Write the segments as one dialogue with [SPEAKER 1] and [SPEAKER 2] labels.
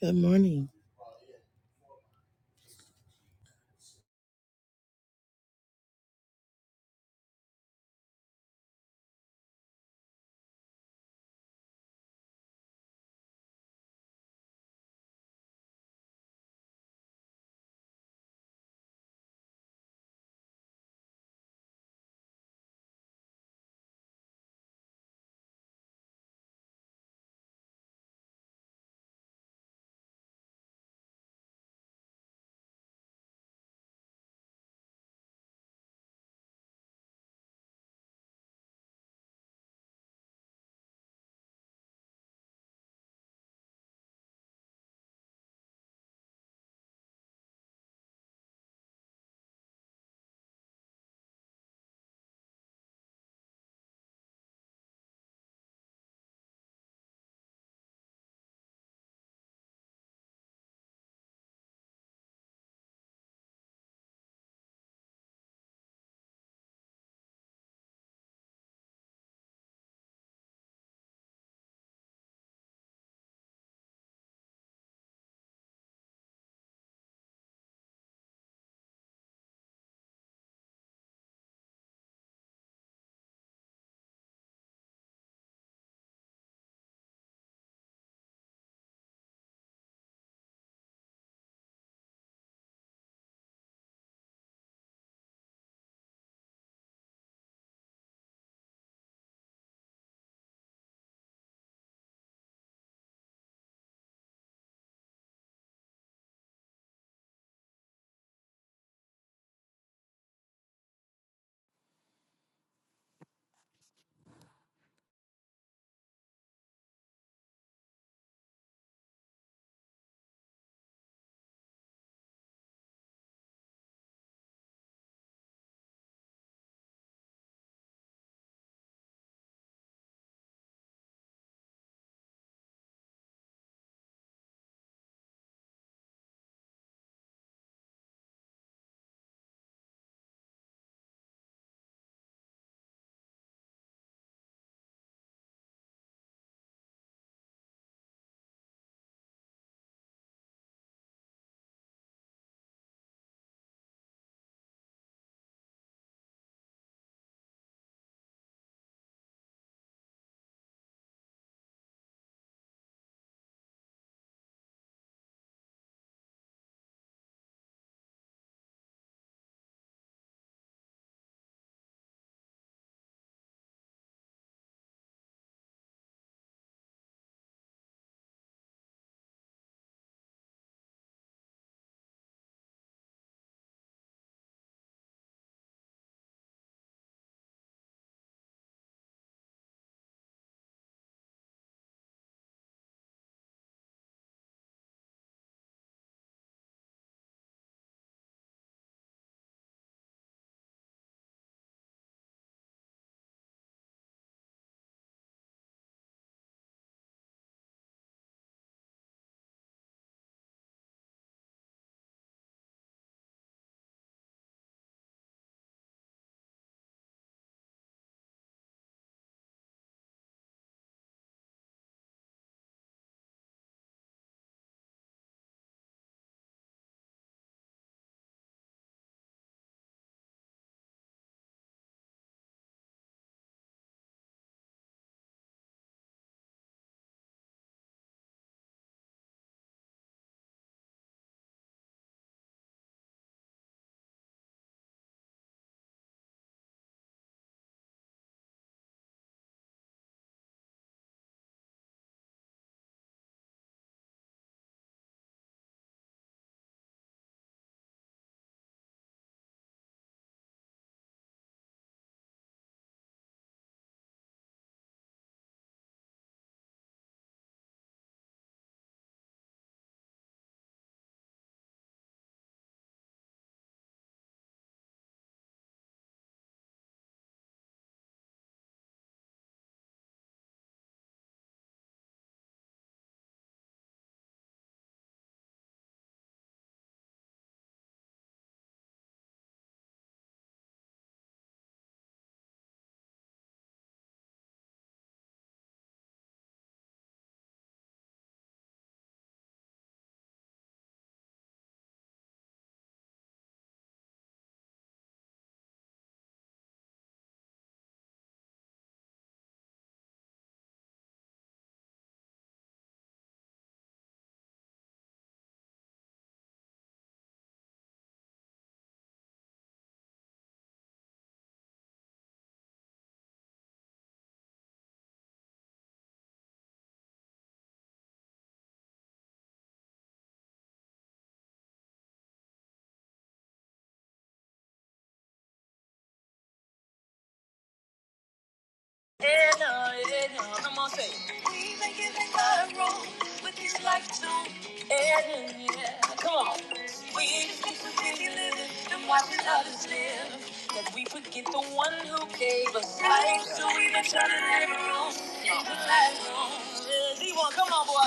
[SPEAKER 1] Good morning. Hello, hello. Come on. say. We make it in the room with these lights on. And yeah, come on. We just need to really live it and watch others live. That we forget the one who gave us life. So we been trying to live our own in the classroom. D1, come on, boy.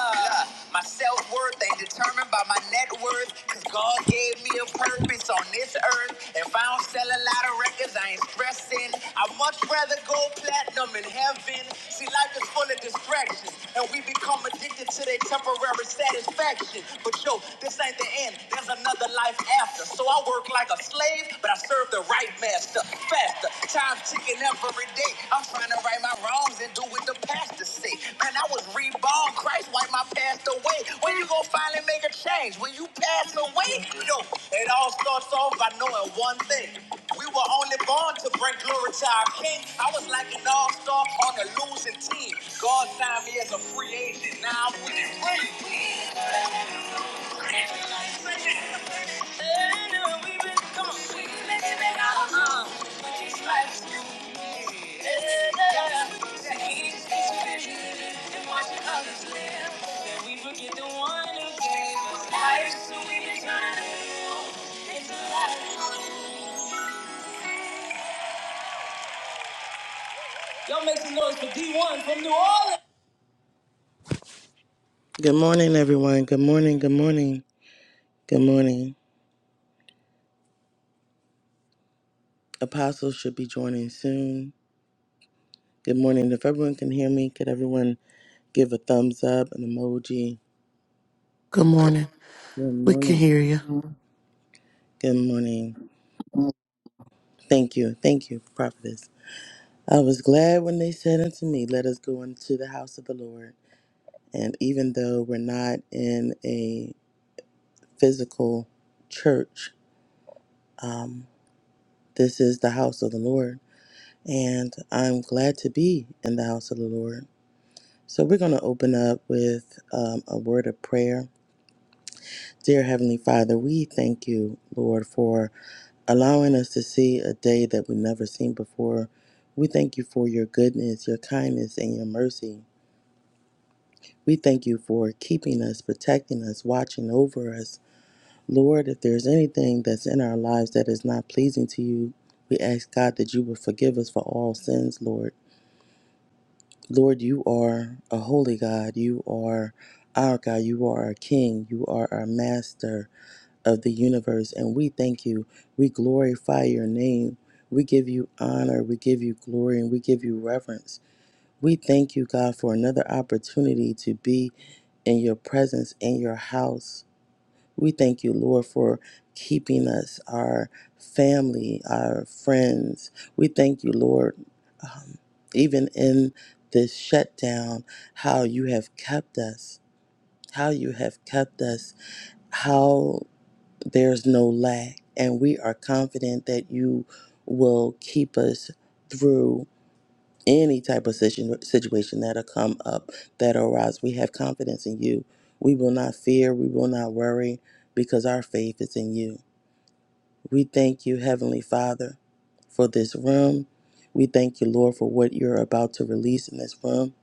[SPEAKER 1] my self worth ain't determined by my net worth. Cause God gave me a purpose on this earth. If I don't sell a lot of records, I ain't stressing. I'd much rather go platinum in heaven. See, life is full of distractions. And we become addicted to their temporary satisfaction. But yo, this ain't the end. There's another life after. So I work like a slave, but I serve the right master, faster. Time ticking every day. I'm trying to right my wrongs and do what the pastor say. Man, I was reborn. Christ wiped my past away. When you gonna finally make a change? When you pass away? Yo, it all starts off by knowing one thing. We were only born to bring glory to our King. I was like an all-star on a losing team. God signed me as a free agent. Now I'm winning rings. Come on. We make it big, uh-huh. But these lights, you Good morning, everyone. Good morning. Good morning. Good morning. Apostles should be joining soon. Good morning. If everyone can hear me, could everyone give a thumbs up, an emoji?
[SPEAKER 2] Good morning.
[SPEAKER 1] Good
[SPEAKER 2] We can
[SPEAKER 1] morning.
[SPEAKER 2] hear you.
[SPEAKER 1] Good morning. Thank you. Thank you, Prophetess. I was glad when they said unto me, Let us go into the house of the Lord. And even though we're not in a physical church, this is the house of the Lord. And I'm glad to be in the house of the Lord. So we're going to open up with um, a word of prayer. Dear Heavenly Father, we thank you, Lord, for allowing us to see a day that we've never seen before. We thank you for your goodness, your kindness, and your mercy. We thank you for keeping us, protecting us, watching over us. Lord, if there's anything that's in our lives that is not pleasing to you, we ask God that you would forgive us for all sins, Lord. Lord, you are a holy God. You are our God. You are our King. You are our master of the universe. And we thank you. We glorify your name. We give you honor. We give you glory and we give you reverence. We thank you, God, for another opportunity to be in your presence, in your house. We thank you, Lord, for keeping us, our family, our friends. We thank you, Lord, even in this shutdown, how you have kept us, how you have kept us, how there's no lack. And we are confident that you will keep us through any type of situ- situation that'll come up, that'll arise. We have confidence in you. We will not fear, we will not worry, because our faith is in you. We thank you, Heavenly Father, for this room. We thank you, Lord, for what you're about to release in this room.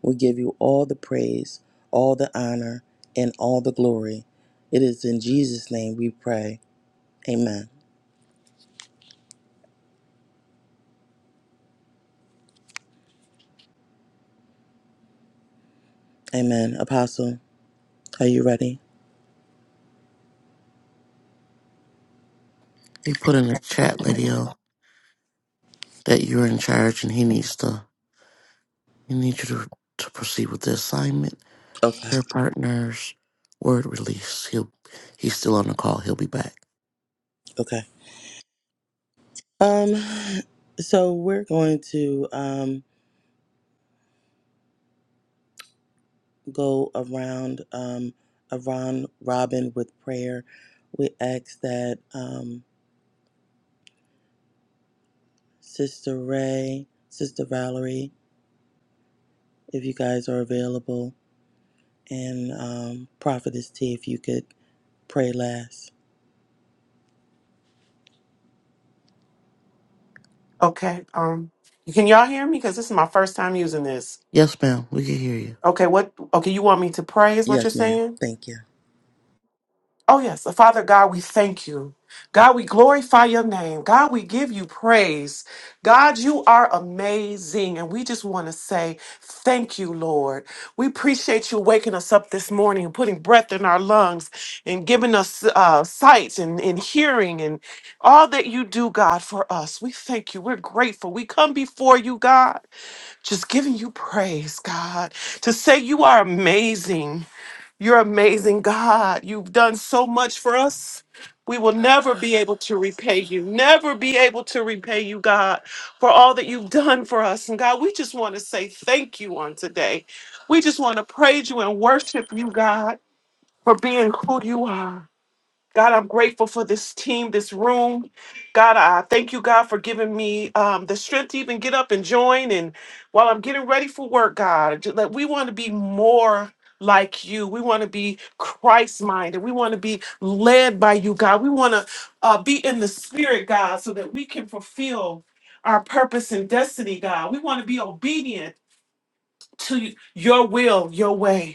[SPEAKER 1] We give you all the praise, all the honor, and all the glory. It is in Jesus' name we pray. Amen. Amen. Apostle, are you ready?
[SPEAKER 2] He put in the chat, Lady O, that you're in charge and he needs to he needs you to, to proceed with the assignment.
[SPEAKER 1] Okay.
[SPEAKER 2] Prayer partners, word release. He'll he's still on the call. He'll be back.
[SPEAKER 1] Okay. Um, so we're going to um, go around um, around Robin with prayer. We ask that um, Sister Ray, Sister Valerie, if you guys are available, and um, Prophetess T, if you could pray last.
[SPEAKER 3] Okay. Um, can y'all hear me? Because this is my first time using this.
[SPEAKER 2] Yes, ma'am. We can hear you.
[SPEAKER 3] Okay. What? Okay. You want me to pray? Is what you're
[SPEAKER 1] Yes, ma'am.
[SPEAKER 3] saying?
[SPEAKER 1] Thank you.
[SPEAKER 3] Oh yes. So, Father God, we thank you. God, we glorify your name. God, we give you praise. God, you are amazing. And we just want to say thank you, Lord. We appreciate you waking us up this morning and putting breath in our lungs and giving us uh, sight and, and hearing and all that you do, God, for us. We thank you. We're grateful. We come before you, God. Just giving you praise, God, to say you are amazing. You're amazing, God. You've done so much for us. We will never be able to repay you, never be able to repay you, God, for all that you've done for us. And God, we just want to say thank you on today. We just want to praise you and worship you, God, for being who you are. God, I'm grateful for this team, this room. God, I thank you, God, for giving me um, the strength to even get up and join. And while I'm getting ready for work, God, ju- that we want to be more like you. We want to be Christ minded. We want to be led by you, God. We want to uh, be in the spirit, God, so that we can fulfill our purpose and destiny, God. We want to be obedient to your will, your way.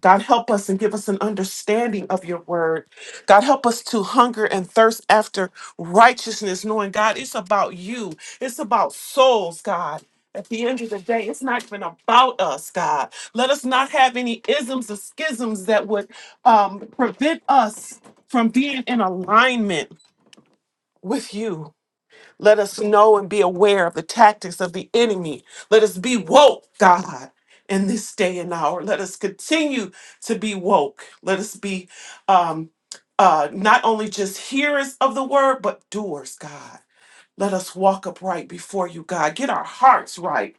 [SPEAKER 3] God, help us and give us an understanding of your word. God, help us to hunger and thirst after righteousness, knowing, God, it's about you. It's about souls, God. At the end of the day, it's not even about us, God. Let us not have any isms or schisms that would um, prevent us from being in alignment with you. Let us know and be aware of the tactics of the enemy. Let us be woke, God, in this day and hour. Let us continue to be woke. Let us be um, uh, not only just hearers of the word, but doers, God. Let us walk upright before you, God. Get our hearts right.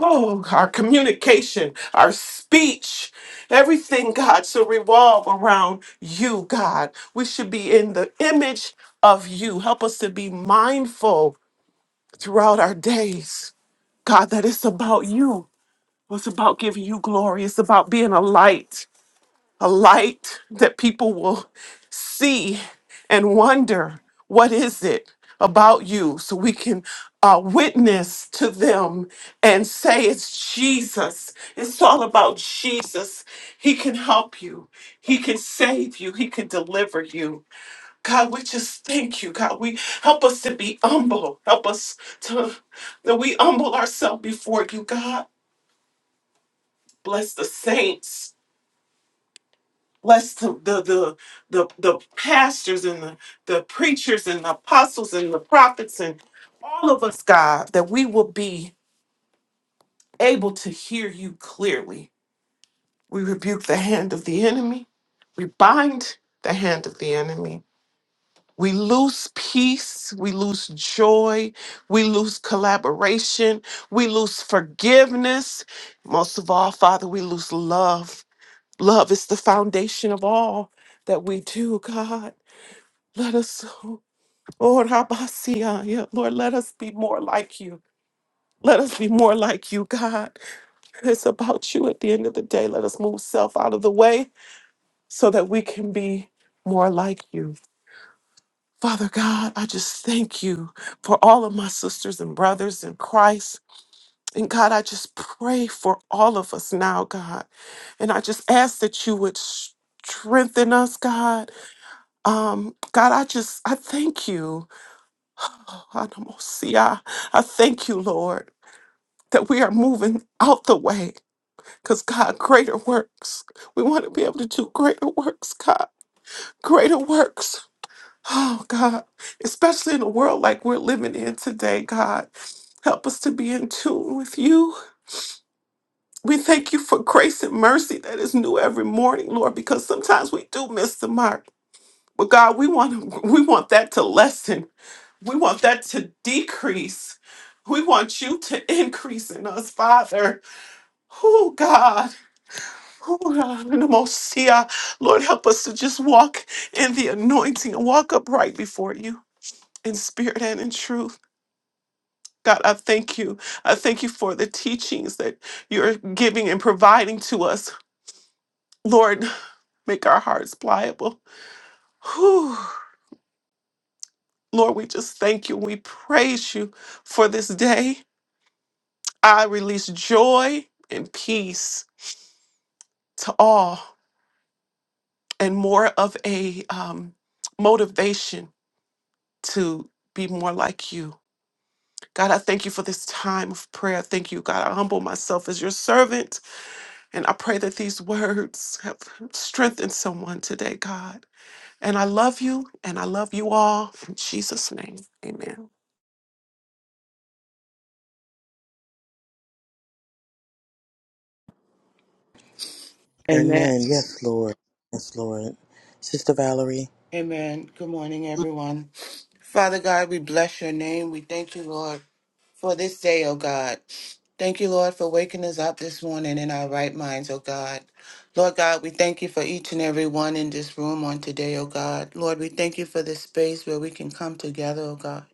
[SPEAKER 3] Oh, our communication, our speech, everything, God, should revolve around you, God. We should be in the image of you. Help us to be mindful throughout our days, God, that it's about you. It's about giving you glory. It's about being a light, a light that people will see and wonder what is it about you so we can uh, witness to them and say it's Jesus. It's all about Jesus. He can help you, He can save you, He can deliver you. God, we just thank you, God. We help us to be humble. Help us to that we humble ourselves before you, God. Bless the saints. Bless the the the the, the pastors and the, the preachers and the apostles and the prophets and all of us, God, that we will be able to hear you clearly. We rebuke the hand of the enemy. We bind the hand of the enemy We lose peace, we lose joy, we lose collaboration, we lose forgiveness. Most of all, Father, we lose love. Love is the foundation of all that we do, God. Let us, oh, Rabasiah, yeah, Lord, let us be more like you. Let us be more like you, God. It's about you at the end of the day. Let us move self out of the way so that we can be more like you. Father God, I just thank you for all of my sisters and brothers in Christ. And God, I just pray for all of us now, God. And I just ask that you would strengthen us, God. Um, God, I just, I thank you. Anamosia. I thank you, Lord, that we are moving out the way. Because, God, greater works. We want to be able to do greater works, God. Greater works. Oh, God, especially in a world like we're living in today, God, help us to be in tune with you. We thank you for grace and mercy that is new every morning, Lord, because sometimes we do miss the mark. But God, we want we want that to lessen. We want that to decrease. We want you to increase in us, Father. Oh God, oh God, in the most yeah. Lord, help us to just walk in the anointing and walk upright before you in spirit and in truth. God, I thank you. I thank you for the teachings that you're giving and providing to us. Lord, make our hearts pliable. Whew. Lord, we just thank you. We praise you for this day. I release joy and peace to all and more of a um, motivation to be more like you. God, I thank you for this time of prayer. Thank you, God. I humble myself as your servant. And I pray that these words have strengthened someone today, God. And I love you, and I love you all. In Jesus' name, amen.
[SPEAKER 4] Amen.
[SPEAKER 1] Amen. Yes, Lord. Yes, Lord. Sister Valerie.
[SPEAKER 4] Amen. Good morning, everyone. Father God, we bless your name. We thank you, Lord, for this day, oh God. Thank you, Lord, for waking us up this morning in our right minds, oh God. Lord God, we thank you for each and every one in this room on today, oh God. Lord, we thank you for this space where we can come together, oh God,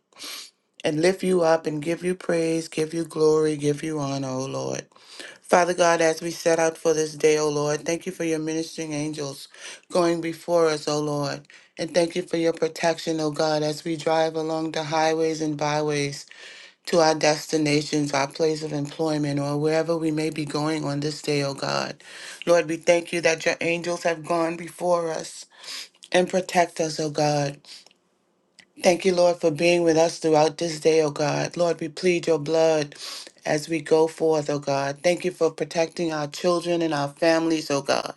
[SPEAKER 4] and lift you up and give you praise, give you glory, give you honor, oh Lord. Father God, as we set out for this day, O Lord, thank you for your ministering angels going before us, O Lord. And thank you for your protection, O God, as we drive along the highways and byways to our destinations, our place of employment, or wherever we may be going on this day, O God. Lord, we thank you that your angels have gone before us and protect us, O God. Thank you, Lord, for being with us throughout this day, O God. Lord, we plead your blood as we go forth, O God. Thank you for protecting our children and our families, O God.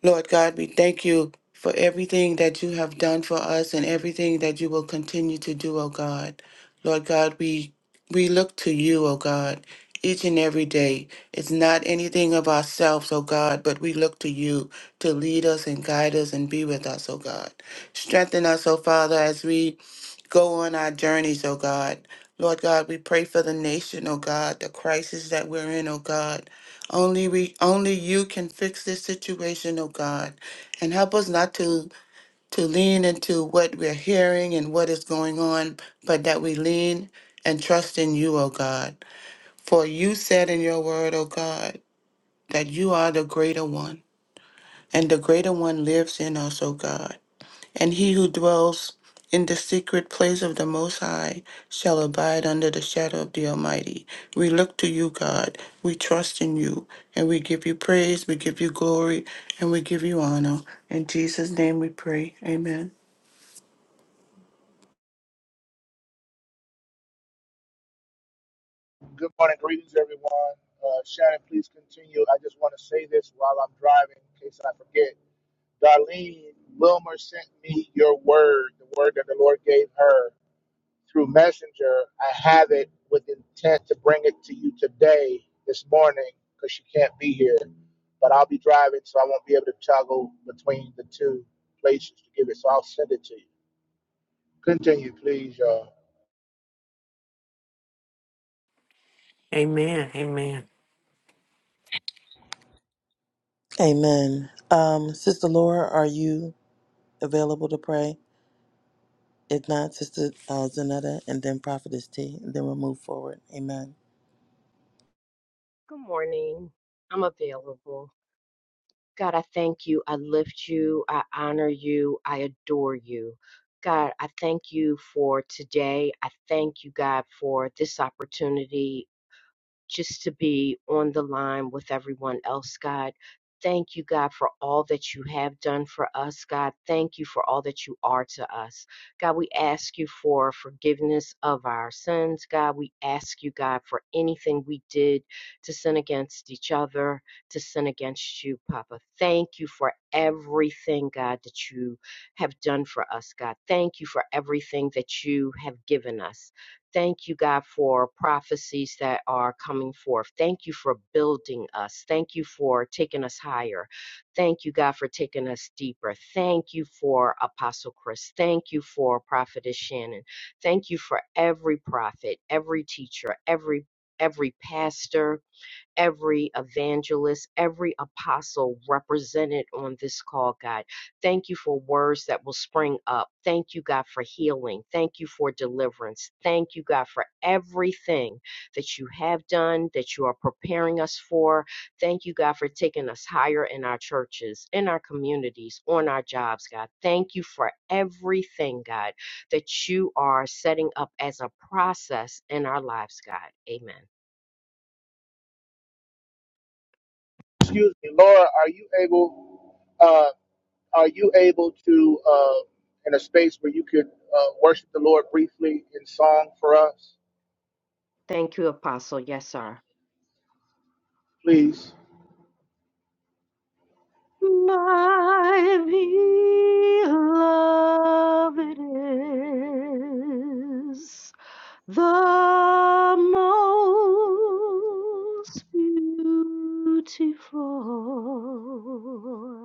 [SPEAKER 4] Lord God, we thank you for everything that you have done for us and everything that you will continue to do, O God. Lord God, we we look to you, O God, each and every day. It's not anything of ourselves, O God, but we look to you to lead us and guide us and be with us, O God. Strengthen us, O Father, as we go on our journeys, oh God. Lord God, we pray for the nation, oh God, the crisis that we're in, oh God. Only we only you can fix this situation, oh God. And help us not to to lean into what we're hearing and what is going on, but that we lean and trust in you, oh God. For you said in your word, oh God, that you are the greater one, and the greater one lives in us, oh God. And he who dwells in the secret place of the Most High shall abide under the shadow of the Almighty. We look to you, God. We trust in you. And we give you praise, we give you glory, and we give you honor. In Jesus' name we pray. Amen.
[SPEAKER 5] Good morning, greetings, everyone. Uh, Shannon, please continue. I just want to say this while I'm driving in case I forget. Darlene Wilmer sent me your word, the word that the Lord gave her through Messenger. I have it with intent to bring it to you today, this morning, because she can't be here. But I'll be driving, so I won't be able to toggle between the two places to give it. So I'll send it to you. Continue, please, y'all.
[SPEAKER 3] Amen. Amen.
[SPEAKER 1] Amen. Um, Sister Laura, are you available to pray? If not, Sister uh, Zanetta and then Prophetess T, and then we'll move forward. Amen.
[SPEAKER 6] Good morning. I'm available. God, I thank you. I lift you. I honor you. I adore you. God, I thank you for today. I thank you, God, for this opportunity just to be on the line with everyone else, God. Thank you, God, for all that you have done for us, God. Thank you for all that you are to us. God, we ask you for forgiveness of our sins, God. We ask you, God, for anything we did to sin against each other, to sin against you, Papa. Thank you for everything, God, that you have done for us, God. Thank you for everything that you have given us. Thank you, God, for prophecies that are coming forth. Thank you for building us. Thank you for taking us higher. Thank you, God, for taking us deeper. Thank you for Apostle Chris. Thank you for Prophetess Shannon. Thank you for every prophet, every teacher, every every pastor, every evangelist, every apostle represented on this call, God. Thank you for words that will spring up. Thank you, God, for healing. Thank you for deliverance. Thank you, God, for everything that you have done, that you are preparing us for. Thank you, God, for taking us higher in our churches, in our communities, on our jobs, God. Thank you for everything, God, that you are setting up as a process in our lives, God. Amen.
[SPEAKER 5] Excuse me, Laura, are you able? Uh, Are you able to, uh, in a space where you could uh, worship the Lord briefly in song for us,
[SPEAKER 6] Thank you, Apostle. Yes, sir.
[SPEAKER 5] please?
[SPEAKER 6] My beloved is the most beautiful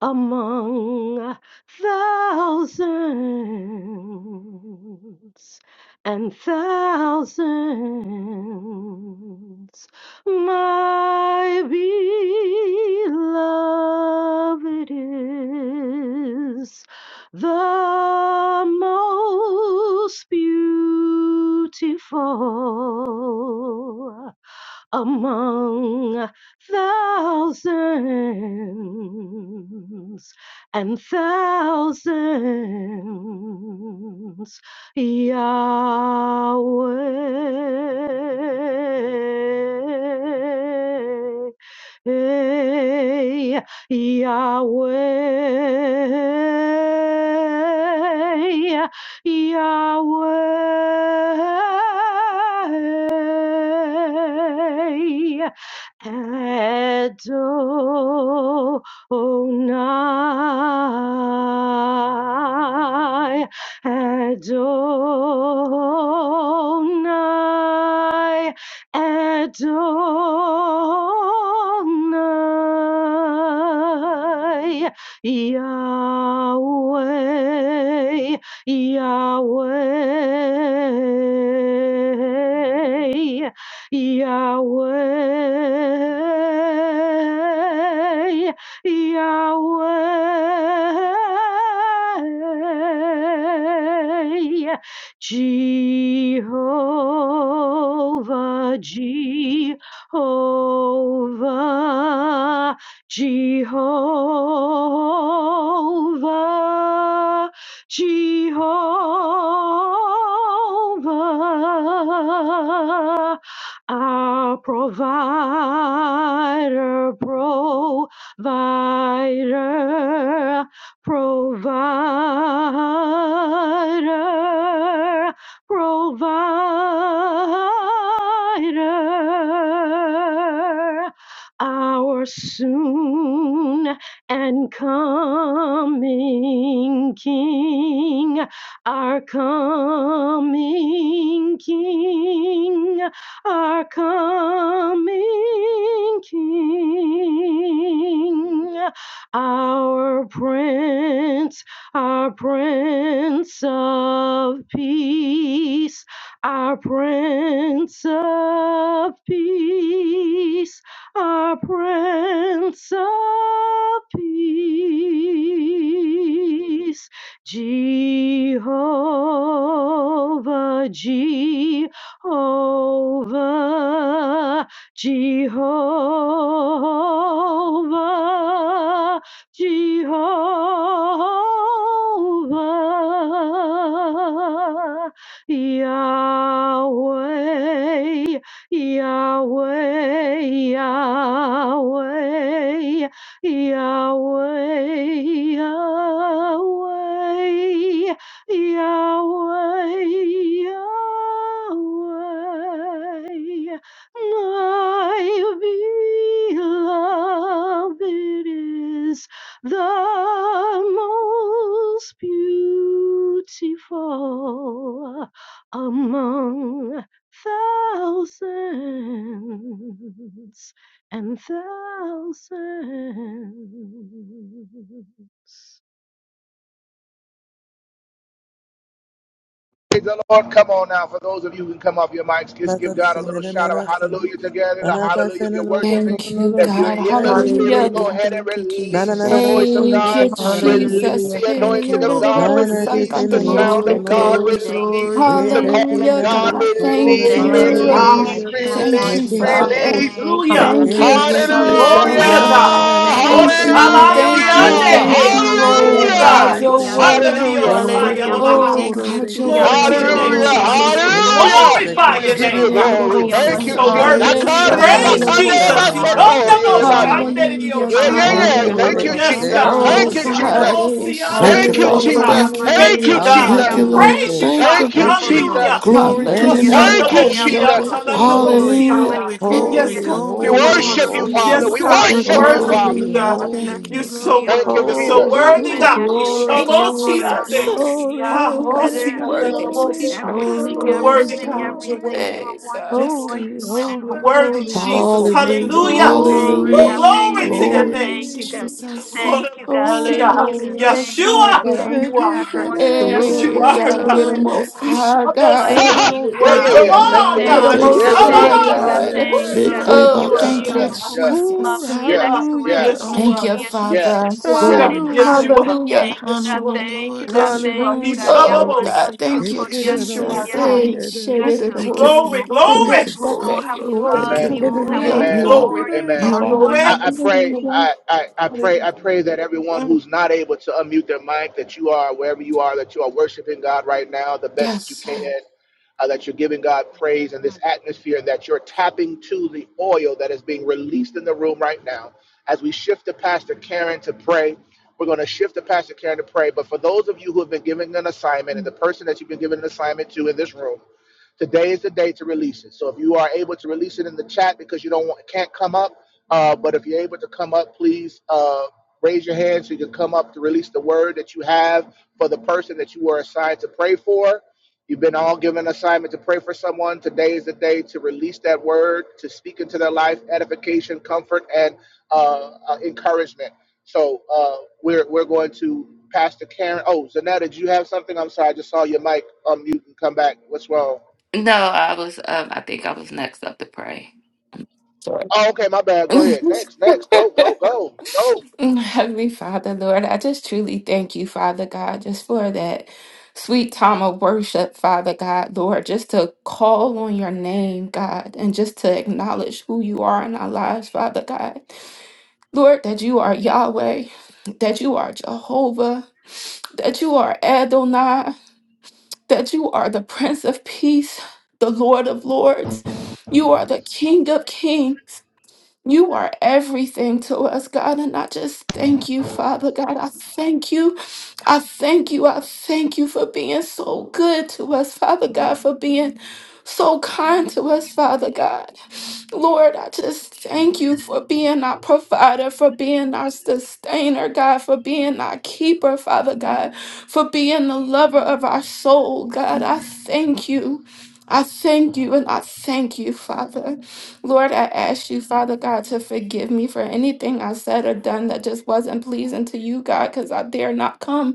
[SPEAKER 6] among thousands and thousands, my beloved is the most beautiful among thousands and thousands, Yahweh. Yahweh, Yahweh Adonai, Adonai, Adonai, Yahweh Yahweh, Yahweh, Yahweh, Jehovah, Jehovah, Jehovah. Jehovah, our provider, provider, provider, provider, our soon and coming King, our coming King, our coming King, our Prince, our Prince of Peace, our Prince of Peace our Prince of Peace, Jehovah, Jehovah, Jehovah, Jehovah, Yahweh. Yahweh, Yahweh, Yahweh, Yahweh, Yahweh, Yahweh, my beloved is the most beautiful among thousands and thousands.
[SPEAKER 5] Praise the Lord. Come on now. For those of you who can come off your mics, just give God a little shout of hallelujah together. The hallelujah if you're worshiping.
[SPEAKER 7] Thank you,
[SPEAKER 5] If you're
[SPEAKER 7] God.
[SPEAKER 5] in the
[SPEAKER 7] Hallelujah,
[SPEAKER 5] spirit, go
[SPEAKER 4] Hallelujah.
[SPEAKER 7] God.
[SPEAKER 5] ahead and
[SPEAKER 4] Thank you,
[SPEAKER 5] release the
[SPEAKER 4] Jesus.
[SPEAKER 5] voice of
[SPEAKER 7] Thank
[SPEAKER 5] God.
[SPEAKER 7] you,
[SPEAKER 5] Release
[SPEAKER 7] Jesus.
[SPEAKER 4] Hallelujah.
[SPEAKER 5] the
[SPEAKER 7] Hey,
[SPEAKER 4] Thank you,
[SPEAKER 5] anointing of
[SPEAKER 4] Lord.
[SPEAKER 5] God.
[SPEAKER 7] yarararabo,
[SPEAKER 1] Nana que
[SPEAKER 5] Release
[SPEAKER 1] se
[SPEAKER 5] the
[SPEAKER 1] nana no
[SPEAKER 5] sound
[SPEAKER 1] so
[SPEAKER 4] Glory,
[SPEAKER 5] of
[SPEAKER 1] no no
[SPEAKER 7] sankandariyashete.
[SPEAKER 5] God.
[SPEAKER 1] no
[SPEAKER 4] glory,
[SPEAKER 1] se.
[SPEAKER 5] Release
[SPEAKER 4] glory,
[SPEAKER 5] the
[SPEAKER 1] Ete
[SPEAKER 4] glory,
[SPEAKER 5] call
[SPEAKER 1] que
[SPEAKER 5] of
[SPEAKER 7] Hallelujah,
[SPEAKER 1] nana
[SPEAKER 4] glory.
[SPEAKER 5] God.
[SPEAKER 1] no
[SPEAKER 7] God.
[SPEAKER 1] so kuna
[SPEAKER 7] Thank
[SPEAKER 3] Glory
[SPEAKER 5] Release,
[SPEAKER 1] de que
[SPEAKER 3] to
[SPEAKER 1] que
[SPEAKER 7] you.
[SPEAKER 1] nana
[SPEAKER 3] God.
[SPEAKER 5] release,
[SPEAKER 1] si.
[SPEAKER 4] Hallelujah. Thank you,
[SPEAKER 7] Thank
[SPEAKER 1] Ne
[SPEAKER 7] you,
[SPEAKER 5] release,
[SPEAKER 1] que
[SPEAKER 4] Jesus.
[SPEAKER 1] so
[SPEAKER 7] Father.
[SPEAKER 5] release.
[SPEAKER 1] costo te
[SPEAKER 3] Hallelujah.
[SPEAKER 7] Thank
[SPEAKER 1] que
[SPEAKER 7] you,
[SPEAKER 1] de
[SPEAKER 4] Hallelujah.
[SPEAKER 1] de se.
[SPEAKER 5] Hallelujah!
[SPEAKER 3] Glory
[SPEAKER 7] Jesus.
[SPEAKER 4] Hallelujah.
[SPEAKER 3] to
[SPEAKER 1] Ana na
[SPEAKER 3] God.
[SPEAKER 1] na na na que
[SPEAKER 3] Oh,
[SPEAKER 7] Thank
[SPEAKER 1] se de
[SPEAKER 7] you,
[SPEAKER 1] de.
[SPEAKER 3] Shabbat
[SPEAKER 4] Hallelujah,
[SPEAKER 7] thank you,
[SPEAKER 5] Hallelujah!
[SPEAKER 3] Siande,
[SPEAKER 7] thank
[SPEAKER 3] eh.
[SPEAKER 1] Ore
[SPEAKER 4] hallelujah.
[SPEAKER 7] you.
[SPEAKER 4] We
[SPEAKER 1] se
[SPEAKER 3] Oh,
[SPEAKER 4] get
[SPEAKER 1] que
[SPEAKER 7] Oh,
[SPEAKER 4] it,
[SPEAKER 1] ne
[SPEAKER 5] Hallelujah!
[SPEAKER 7] God,
[SPEAKER 3] God.
[SPEAKER 1] de
[SPEAKER 4] elbows.
[SPEAKER 3] Oh,
[SPEAKER 7] you're
[SPEAKER 1] se.
[SPEAKER 3] Shanda de
[SPEAKER 7] worthy.
[SPEAKER 1] No
[SPEAKER 3] Dios,
[SPEAKER 5] Hallelujah!
[SPEAKER 1] no no
[SPEAKER 3] Saya
[SPEAKER 4] Hallelujah.
[SPEAKER 1] costo
[SPEAKER 3] Babaha.
[SPEAKER 7] Oh,
[SPEAKER 4] Thank
[SPEAKER 1] curo
[SPEAKER 4] you,
[SPEAKER 1] te
[SPEAKER 7] God, you're
[SPEAKER 1] que se
[SPEAKER 3] Glory to
[SPEAKER 4] Jesus.
[SPEAKER 1] que
[SPEAKER 3] your
[SPEAKER 1] de
[SPEAKER 7] worthy,
[SPEAKER 3] name,
[SPEAKER 5] Hallelujah!
[SPEAKER 1] de.
[SPEAKER 4] Glory,
[SPEAKER 7] Lord.
[SPEAKER 3] Jesus. We
[SPEAKER 4] glory,
[SPEAKER 1] Nana de
[SPEAKER 4] glory.
[SPEAKER 1] que
[SPEAKER 5] Hallelujah!
[SPEAKER 1] se
[SPEAKER 3] glorify
[SPEAKER 1] que
[SPEAKER 7] Oh,
[SPEAKER 5] We
[SPEAKER 1] de
[SPEAKER 3] your
[SPEAKER 1] que
[SPEAKER 5] give
[SPEAKER 7] shit,
[SPEAKER 5] you
[SPEAKER 3] name,
[SPEAKER 1] se que
[SPEAKER 7] it,
[SPEAKER 3] God.
[SPEAKER 7] it, it,
[SPEAKER 1] de
[SPEAKER 5] glory.
[SPEAKER 7] oh,
[SPEAKER 1] costo
[SPEAKER 3] You're
[SPEAKER 5] Thank
[SPEAKER 7] some
[SPEAKER 5] you,
[SPEAKER 3] so
[SPEAKER 7] kind
[SPEAKER 5] Jesus.
[SPEAKER 1] cana.
[SPEAKER 7] of-
[SPEAKER 3] worthy to
[SPEAKER 7] yes,
[SPEAKER 3] be
[SPEAKER 4] Hallelujah,
[SPEAKER 7] shit, it,
[SPEAKER 5] Akariye
[SPEAKER 1] Ana
[SPEAKER 3] praised,
[SPEAKER 7] it,
[SPEAKER 1] es
[SPEAKER 5] bakande
[SPEAKER 7] it,
[SPEAKER 4] hallelujah,
[SPEAKER 3] Jesus.
[SPEAKER 7] oh,
[SPEAKER 3] He
[SPEAKER 1] ana
[SPEAKER 3] come
[SPEAKER 1] que se
[SPEAKER 3] the
[SPEAKER 1] que
[SPEAKER 5] basotoriye
[SPEAKER 1] de
[SPEAKER 3] most,
[SPEAKER 1] no
[SPEAKER 3] Shanda
[SPEAKER 5] basi.
[SPEAKER 1] se.
[SPEAKER 3] de
[SPEAKER 7] Hallelujah,
[SPEAKER 3] Dios,
[SPEAKER 5] Yeah, yeah,
[SPEAKER 3] Saya.
[SPEAKER 5] yeah.
[SPEAKER 1] Ete
[SPEAKER 7] God.
[SPEAKER 1] ne
[SPEAKER 5] Thank you,
[SPEAKER 1] de
[SPEAKER 4] hallelujah.
[SPEAKER 3] Yes,
[SPEAKER 4] Thank you,
[SPEAKER 5] Jesus.
[SPEAKER 3] God.
[SPEAKER 1] se
[SPEAKER 3] Oh,
[SPEAKER 5] Thank
[SPEAKER 7] Oh,
[SPEAKER 4] Jesus.
[SPEAKER 5] you,
[SPEAKER 1] que
[SPEAKER 7] God.
[SPEAKER 1] de de
[SPEAKER 3] Shanda
[SPEAKER 5] Jesus.
[SPEAKER 3] Bo
[SPEAKER 7] eh,
[SPEAKER 1] costo
[SPEAKER 3] Sianda
[SPEAKER 2] Thank you,
[SPEAKER 5] Thank
[SPEAKER 3] de
[SPEAKER 1] de
[SPEAKER 5] you,
[SPEAKER 1] de
[SPEAKER 2] Father.
[SPEAKER 3] Dios,
[SPEAKER 4] Hallelujah,
[SPEAKER 1] que
[SPEAKER 3] Saya.
[SPEAKER 1] se.
[SPEAKER 5] Jesus.
[SPEAKER 2] Thank you.
[SPEAKER 3] Thank
[SPEAKER 5] Thank you,
[SPEAKER 3] you,
[SPEAKER 4] hallelujah.
[SPEAKER 1] Anana
[SPEAKER 4] Thank
[SPEAKER 3] God.
[SPEAKER 2] Thank
[SPEAKER 3] We
[SPEAKER 2] you,
[SPEAKER 5] Jesus.
[SPEAKER 4] you, Lord.
[SPEAKER 2] Lord.
[SPEAKER 3] praise
[SPEAKER 1] koseke.
[SPEAKER 3] you,
[SPEAKER 2] Thank
[SPEAKER 3] God.
[SPEAKER 5] Thank
[SPEAKER 2] you.
[SPEAKER 5] you,
[SPEAKER 4] Thank
[SPEAKER 1] Iti.
[SPEAKER 4] you,
[SPEAKER 3] Hallelujah.
[SPEAKER 5] Jesus.
[SPEAKER 4] Lord.
[SPEAKER 2] Glory
[SPEAKER 4] Thank you,
[SPEAKER 2] to your
[SPEAKER 3] Yes,
[SPEAKER 1] Nanana
[SPEAKER 7] Hallelujah,
[SPEAKER 2] name,
[SPEAKER 4] Jesus.
[SPEAKER 5] Thank you,
[SPEAKER 7] God.
[SPEAKER 2] Father.
[SPEAKER 1] kosenana
[SPEAKER 7] You're
[SPEAKER 5] Jesus.
[SPEAKER 7] worthy.
[SPEAKER 1] keseke.
[SPEAKER 4] Glory,
[SPEAKER 2] Hallelujah.
[SPEAKER 4] glory, glory,
[SPEAKER 1] Holy,
[SPEAKER 3] God,
[SPEAKER 5] We
[SPEAKER 4] glory,
[SPEAKER 3] you're
[SPEAKER 7] Thank
[SPEAKER 1] holy,
[SPEAKER 3] worthy.
[SPEAKER 7] you,
[SPEAKER 4] glory.
[SPEAKER 5] worship you, Father.
[SPEAKER 3] Yes,
[SPEAKER 1] holy.
[SPEAKER 5] We
[SPEAKER 7] Jesus.
[SPEAKER 3] God, we
[SPEAKER 2] Thank you,
[SPEAKER 5] worship you,
[SPEAKER 3] worship
[SPEAKER 2] Father.
[SPEAKER 3] you,
[SPEAKER 5] Father.
[SPEAKER 1] Holy,
[SPEAKER 4] Hallelujah.
[SPEAKER 3] God.
[SPEAKER 4] Thank
[SPEAKER 3] You're
[SPEAKER 1] holy.
[SPEAKER 4] you,
[SPEAKER 3] so
[SPEAKER 4] Lord.
[SPEAKER 5] Thank
[SPEAKER 3] worthy.
[SPEAKER 5] you,
[SPEAKER 3] You're so
[SPEAKER 5] Jesus.
[SPEAKER 1] Holy,
[SPEAKER 3] worthy,
[SPEAKER 4] Ooh,
[SPEAKER 3] God.
[SPEAKER 4] Glory,
[SPEAKER 1] holy.
[SPEAKER 7] Thank you,
[SPEAKER 4] glory,
[SPEAKER 7] Jesus.
[SPEAKER 4] glory,
[SPEAKER 3] Ishabosiande.
[SPEAKER 1] Holy,
[SPEAKER 3] Ha,
[SPEAKER 7] God,
[SPEAKER 1] holy,
[SPEAKER 7] you're
[SPEAKER 1] holy,
[SPEAKER 7] worthy to be
[SPEAKER 1] holy.
[SPEAKER 3] osiandarabosha.
[SPEAKER 7] praised,
[SPEAKER 4] glory,
[SPEAKER 3] You're
[SPEAKER 7] Lord.
[SPEAKER 1] Holy,
[SPEAKER 4] glory,
[SPEAKER 3] worthy,
[SPEAKER 1] holy,
[SPEAKER 3] God.
[SPEAKER 4] glory.
[SPEAKER 3] You're
[SPEAKER 1] holy.
[SPEAKER 3] worthy.
[SPEAKER 7] Hey, God.
[SPEAKER 3] Yes, God.
[SPEAKER 1] Holy,
[SPEAKER 7] So
[SPEAKER 3] You're
[SPEAKER 1] holy,
[SPEAKER 3] worthy,
[SPEAKER 7] worthy.
[SPEAKER 1] holy.
[SPEAKER 3] Jesus.
[SPEAKER 7] Lord.
[SPEAKER 2] Hallelujah.
[SPEAKER 3] Hallelujah. Woo,
[SPEAKER 1] Holy,
[SPEAKER 2] Hallelujah.
[SPEAKER 3] glory to your
[SPEAKER 2] Glory.
[SPEAKER 7] Thank
[SPEAKER 3] name,
[SPEAKER 7] you,
[SPEAKER 4] Glory.
[SPEAKER 1] holy.
[SPEAKER 3] Jesus.
[SPEAKER 7] Jesus. Thank
[SPEAKER 1] Holy
[SPEAKER 3] Hallelujah.
[SPEAKER 1] Lord.
[SPEAKER 4] Hallelujah.
[SPEAKER 7] you,
[SPEAKER 3] Yeshua,
[SPEAKER 1] If
[SPEAKER 7] Father.
[SPEAKER 1] they
[SPEAKER 3] you
[SPEAKER 1] can
[SPEAKER 3] are.
[SPEAKER 1] say that, I
[SPEAKER 3] Yes,
[SPEAKER 1] say
[SPEAKER 3] you
[SPEAKER 7] Hey,
[SPEAKER 1] that,
[SPEAKER 4] Glory,
[SPEAKER 1] I
[SPEAKER 3] are,
[SPEAKER 7] God,
[SPEAKER 3] God.
[SPEAKER 7] you're the
[SPEAKER 1] say
[SPEAKER 4] glory,
[SPEAKER 1] that.
[SPEAKER 7] most
[SPEAKER 3] You
[SPEAKER 4] glory.
[SPEAKER 7] high
[SPEAKER 3] shall go
[SPEAKER 5] Ha,
[SPEAKER 3] see
[SPEAKER 7] God.
[SPEAKER 3] how
[SPEAKER 5] ha!
[SPEAKER 1] Yororo
[SPEAKER 3] You're
[SPEAKER 5] yeah, yeah,
[SPEAKER 3] worthy of
[SPEAKER 5] yeah.
[SPEAKER 4] We
[SPEAKER 1] sekerere
[SPEAKER 5] Thank
[SPEAKER 3] all,
[SPEAKER 5] you,
[SPEAKER 4] honor
[SPEAKER 7] Oh, you're the
[SPEAKER 5] Lord.
[SPEAKER 4] you,
[SPEAKER 3] God.
[SPEAKER 1] kese,
[SPEAKER 3] You
[SPEAKER 2] Thank
[SPEAKER 5] Yeah,
[SPEAKER 7] most
[SPEAKER 2] you.
[SPEAKER 3] shall
[SPEAKER 5] yeah,
[SPEAKER 3] go
[SPEAKER 4] Lord.
[SPEAKER 5] yeah,
[SPEAKER 7] high
[SPEAKER 1] yororo
[SPEAKER 2] Thank
[SPEAKER 4] We
[SPEAKER 5] yeah,
[SPEAKER 2] you.
[SPEAKER 5] yeah,
[SPEAKER 3] see.
[SPEAKER 4] honor
[SPEAKER 5] yeah,
[SPEAKER 7] God.
[SPEAKER 4] you.
[SPEAKER 3] Who
[SPEAKER 5] yeah,
[SPEAKER 4] We
[SPEAKER 1] sekerese.
[SPEAKER 3] seek
[SPEAKER 4] honor
[SPEAKER 3] out the
[SPEAKER 4] you,
[SPEAKER 7] Oh,
[SPEAKER 5] yeah,
[SPEAKER 7] thank
[SPEAKER 4] God.
[SPEAKER 7] you,
[SPEAKER 5] yeah,
[SPEAKER 2] Bekobakatai.
[SPEAKER 5] yeah,
[SPEAKER 1] Ooh,
[SPEAKER 7] Jesus.
[SPEAKER 3] Yes, you
[SPEAKER 5] yeah,
[SPEAKER 3] are.
[SPEAKER 5] yeah, yeah,
[SPEAKER 4] We
[SPEAKER 1] hallelujah.
[SPEAKER 3] Yes, you
[SPEAKER 4] honor
[SPEAKER 7] Thank
[SPEAKER 3] are,
[SPEAKER 7] you,
[SPEAKER 4] you,
[SPEAKER 3] God.
[SPEAKER 5] yeah,
[SPEAKER 7] Father.
[SPEAKER 3] Yes,
[SPEAKER 4] Jesus.
[SPEAKER 5] yeah,
[SPEAKER 3] God.
[SPEAKER 2] Glory.
[SPEAKER 3] Yes, you
[SPEAKER 1] Hallelujah.
[SPEAKER 3] are.
[SPEAKER 7] Hallelujah.
[SPEAKER 4] We honor
[SPEAKER 3] Yes, you
[SPEAKER 4] you,
[SPEAKER 3] are.
[SPEAKER 4] Lord.
[SPEAKER 3] Yes, you
[SPEAKER 4] Hallelujah.
[SPEAKER 3] are. He
[SPEAKER 1] Hallelujah.
[SPEAKER 3] shall
[SPEAKER 7] Oh,
[SPEAKER 3] go
[SPEAKER 2] Hallelujah.
[SPEAKER 7] God,
[SPEAKER 3] see.
[SPEAKER 7] thank
[SPEAKER 1] They
[SPEAKER 7] you,
[SPEAKER 1] can't and
[SPEAKER 3] Yes,
[SPEAKER 1] I
[SPEAKER 3] you
[SPEAKER 1] go
[SPEAKER 7] Jesus.
[SPEAKER 1] say
[SPEAKER 3] are.
[SPEAKER 7] Hey,
[SPEAKER 4] Thank
[SPEAKER 1] it.
[SPEAKER 4] you,
[SPEAKER 7] shit, it is the
[SPEAKER 4] Jesus.
[SPEAKER 3] Mm,
[SPEAKER 2] Thank you,
[SPEAKER 7] most-
[SPEAKER 4] Glory,
[SPEAKER 3] glory,
[SPEAKER 2] Father.
[SPEAKER 7] but
[SPEAKER 2] Thank
[SPEAKER 3] glory,
[SPEAKER 7] yes,
[SPEAKER 2] you.
[SPEAKER 7] that's
[SPEAKER 4] glory,
[SPEAKER 1] Oh,
[SPEAKER 7] it.
[SPEAKER 1] I don't
[SPEAKER 4] glory.
[SPEAKER 3] glory,
[SPEAKER 1] say
[SPEAKER 2] Thank you,
[SPEAKER 5] Amen.
[SPEAKER 1] it
[SPEAKER 2] Lord.
[SPEAKER 1] and I
[SPEAKER 7] Hallelujah.
[SPEAKER 1] don't
[SPEAKER 3] mm,
[SPEAKER 2] You
[SPEAKER 5] Amen.
[SPEAKER 1] say
[SPEAKER 2] are.
[SPEAKER 3] glory,
[SPEAKER 5] Amen.
[SPEAKER 1] it.
[SPEAKER 2] You are.
[SPEAKER 5] I,
[SPEAKER 3] glory.
[SPEAKER 4] Hallelujah.
[SPEAKER 5] I pray,
[SPEAKER 3] Glory.
[SPEAKER 7] Hallelujah.
[SPEAKER 5] I, I, I pray,
[SPEAKER 3] Hallelujah.
[SPEAKER 5] I pray that everyone
[SPEAKER 3] Mm,
[SPEAKER 5] who's not able to unmute their mic, that you are wherever you are, that you are worshiping God right now the best that you
[SPEAKER 7] Yes.
[SPEAKER 5] can, uh, that you're giving God praise in this atmosphere, and that you're tapping to the oil that is being released in the room right now. As we shift to Pastor Karen to pray, we're going to shift to Pastor Karen to pray. But for those of you who have been given an assignment and the person that you've been given an assignment to in this room, Today is the day to release it. So if you are able to release it in the chat because you don't want, can't come up, uh, but if you're able to come up, please uh, raise your hand so you can come up to release the word that you have for the person that you were assigned to pray for. You've been all given an assignment to pray for someone. Today is the day to release that word, to speak into their life, edification, comfort, and uh, uh, encouragement. So uh, we're we're going to Pastor Karen. Oh, Zanetta, did you have something? I'm sorry, I just saw your mic unmute and come back. What's wrong?
[SPEAKER 7] No, I was, um, I think I was next up to pray.
[SPEAKER 5] Oh, okay, my bad. Go ahead. Next, next. Go, go, go, go.
[SPEAKER 7] Mm, Heavenly Father, Lord, I just truly thank you, Father God, just for that sweet time of worship, Father God, Lord, just to call on your name, God, and just to acknowledge who you are in our lives, Father God. Lord, that you are Yahweh, that you are Jehovah, that you are Adonai, that you are the Prince of Peace, the Lord of Lords, you are the King of Kings. You are everything to us, God, and I just thank you, Father God. I thank you I thank you. I thank you for being so good to us, Father God, for being so kind to us, Father God. Lord, I just thank you for being our provider, for being our sustainer, God, for being our keeper, Father God, for being the lover of our soul, God. I thank you. I thank you and I thank you, Father. Lord, I ask you, Father God, to forgive me for anything I said or done that just wasn't pleasing to you, God, because I dare not come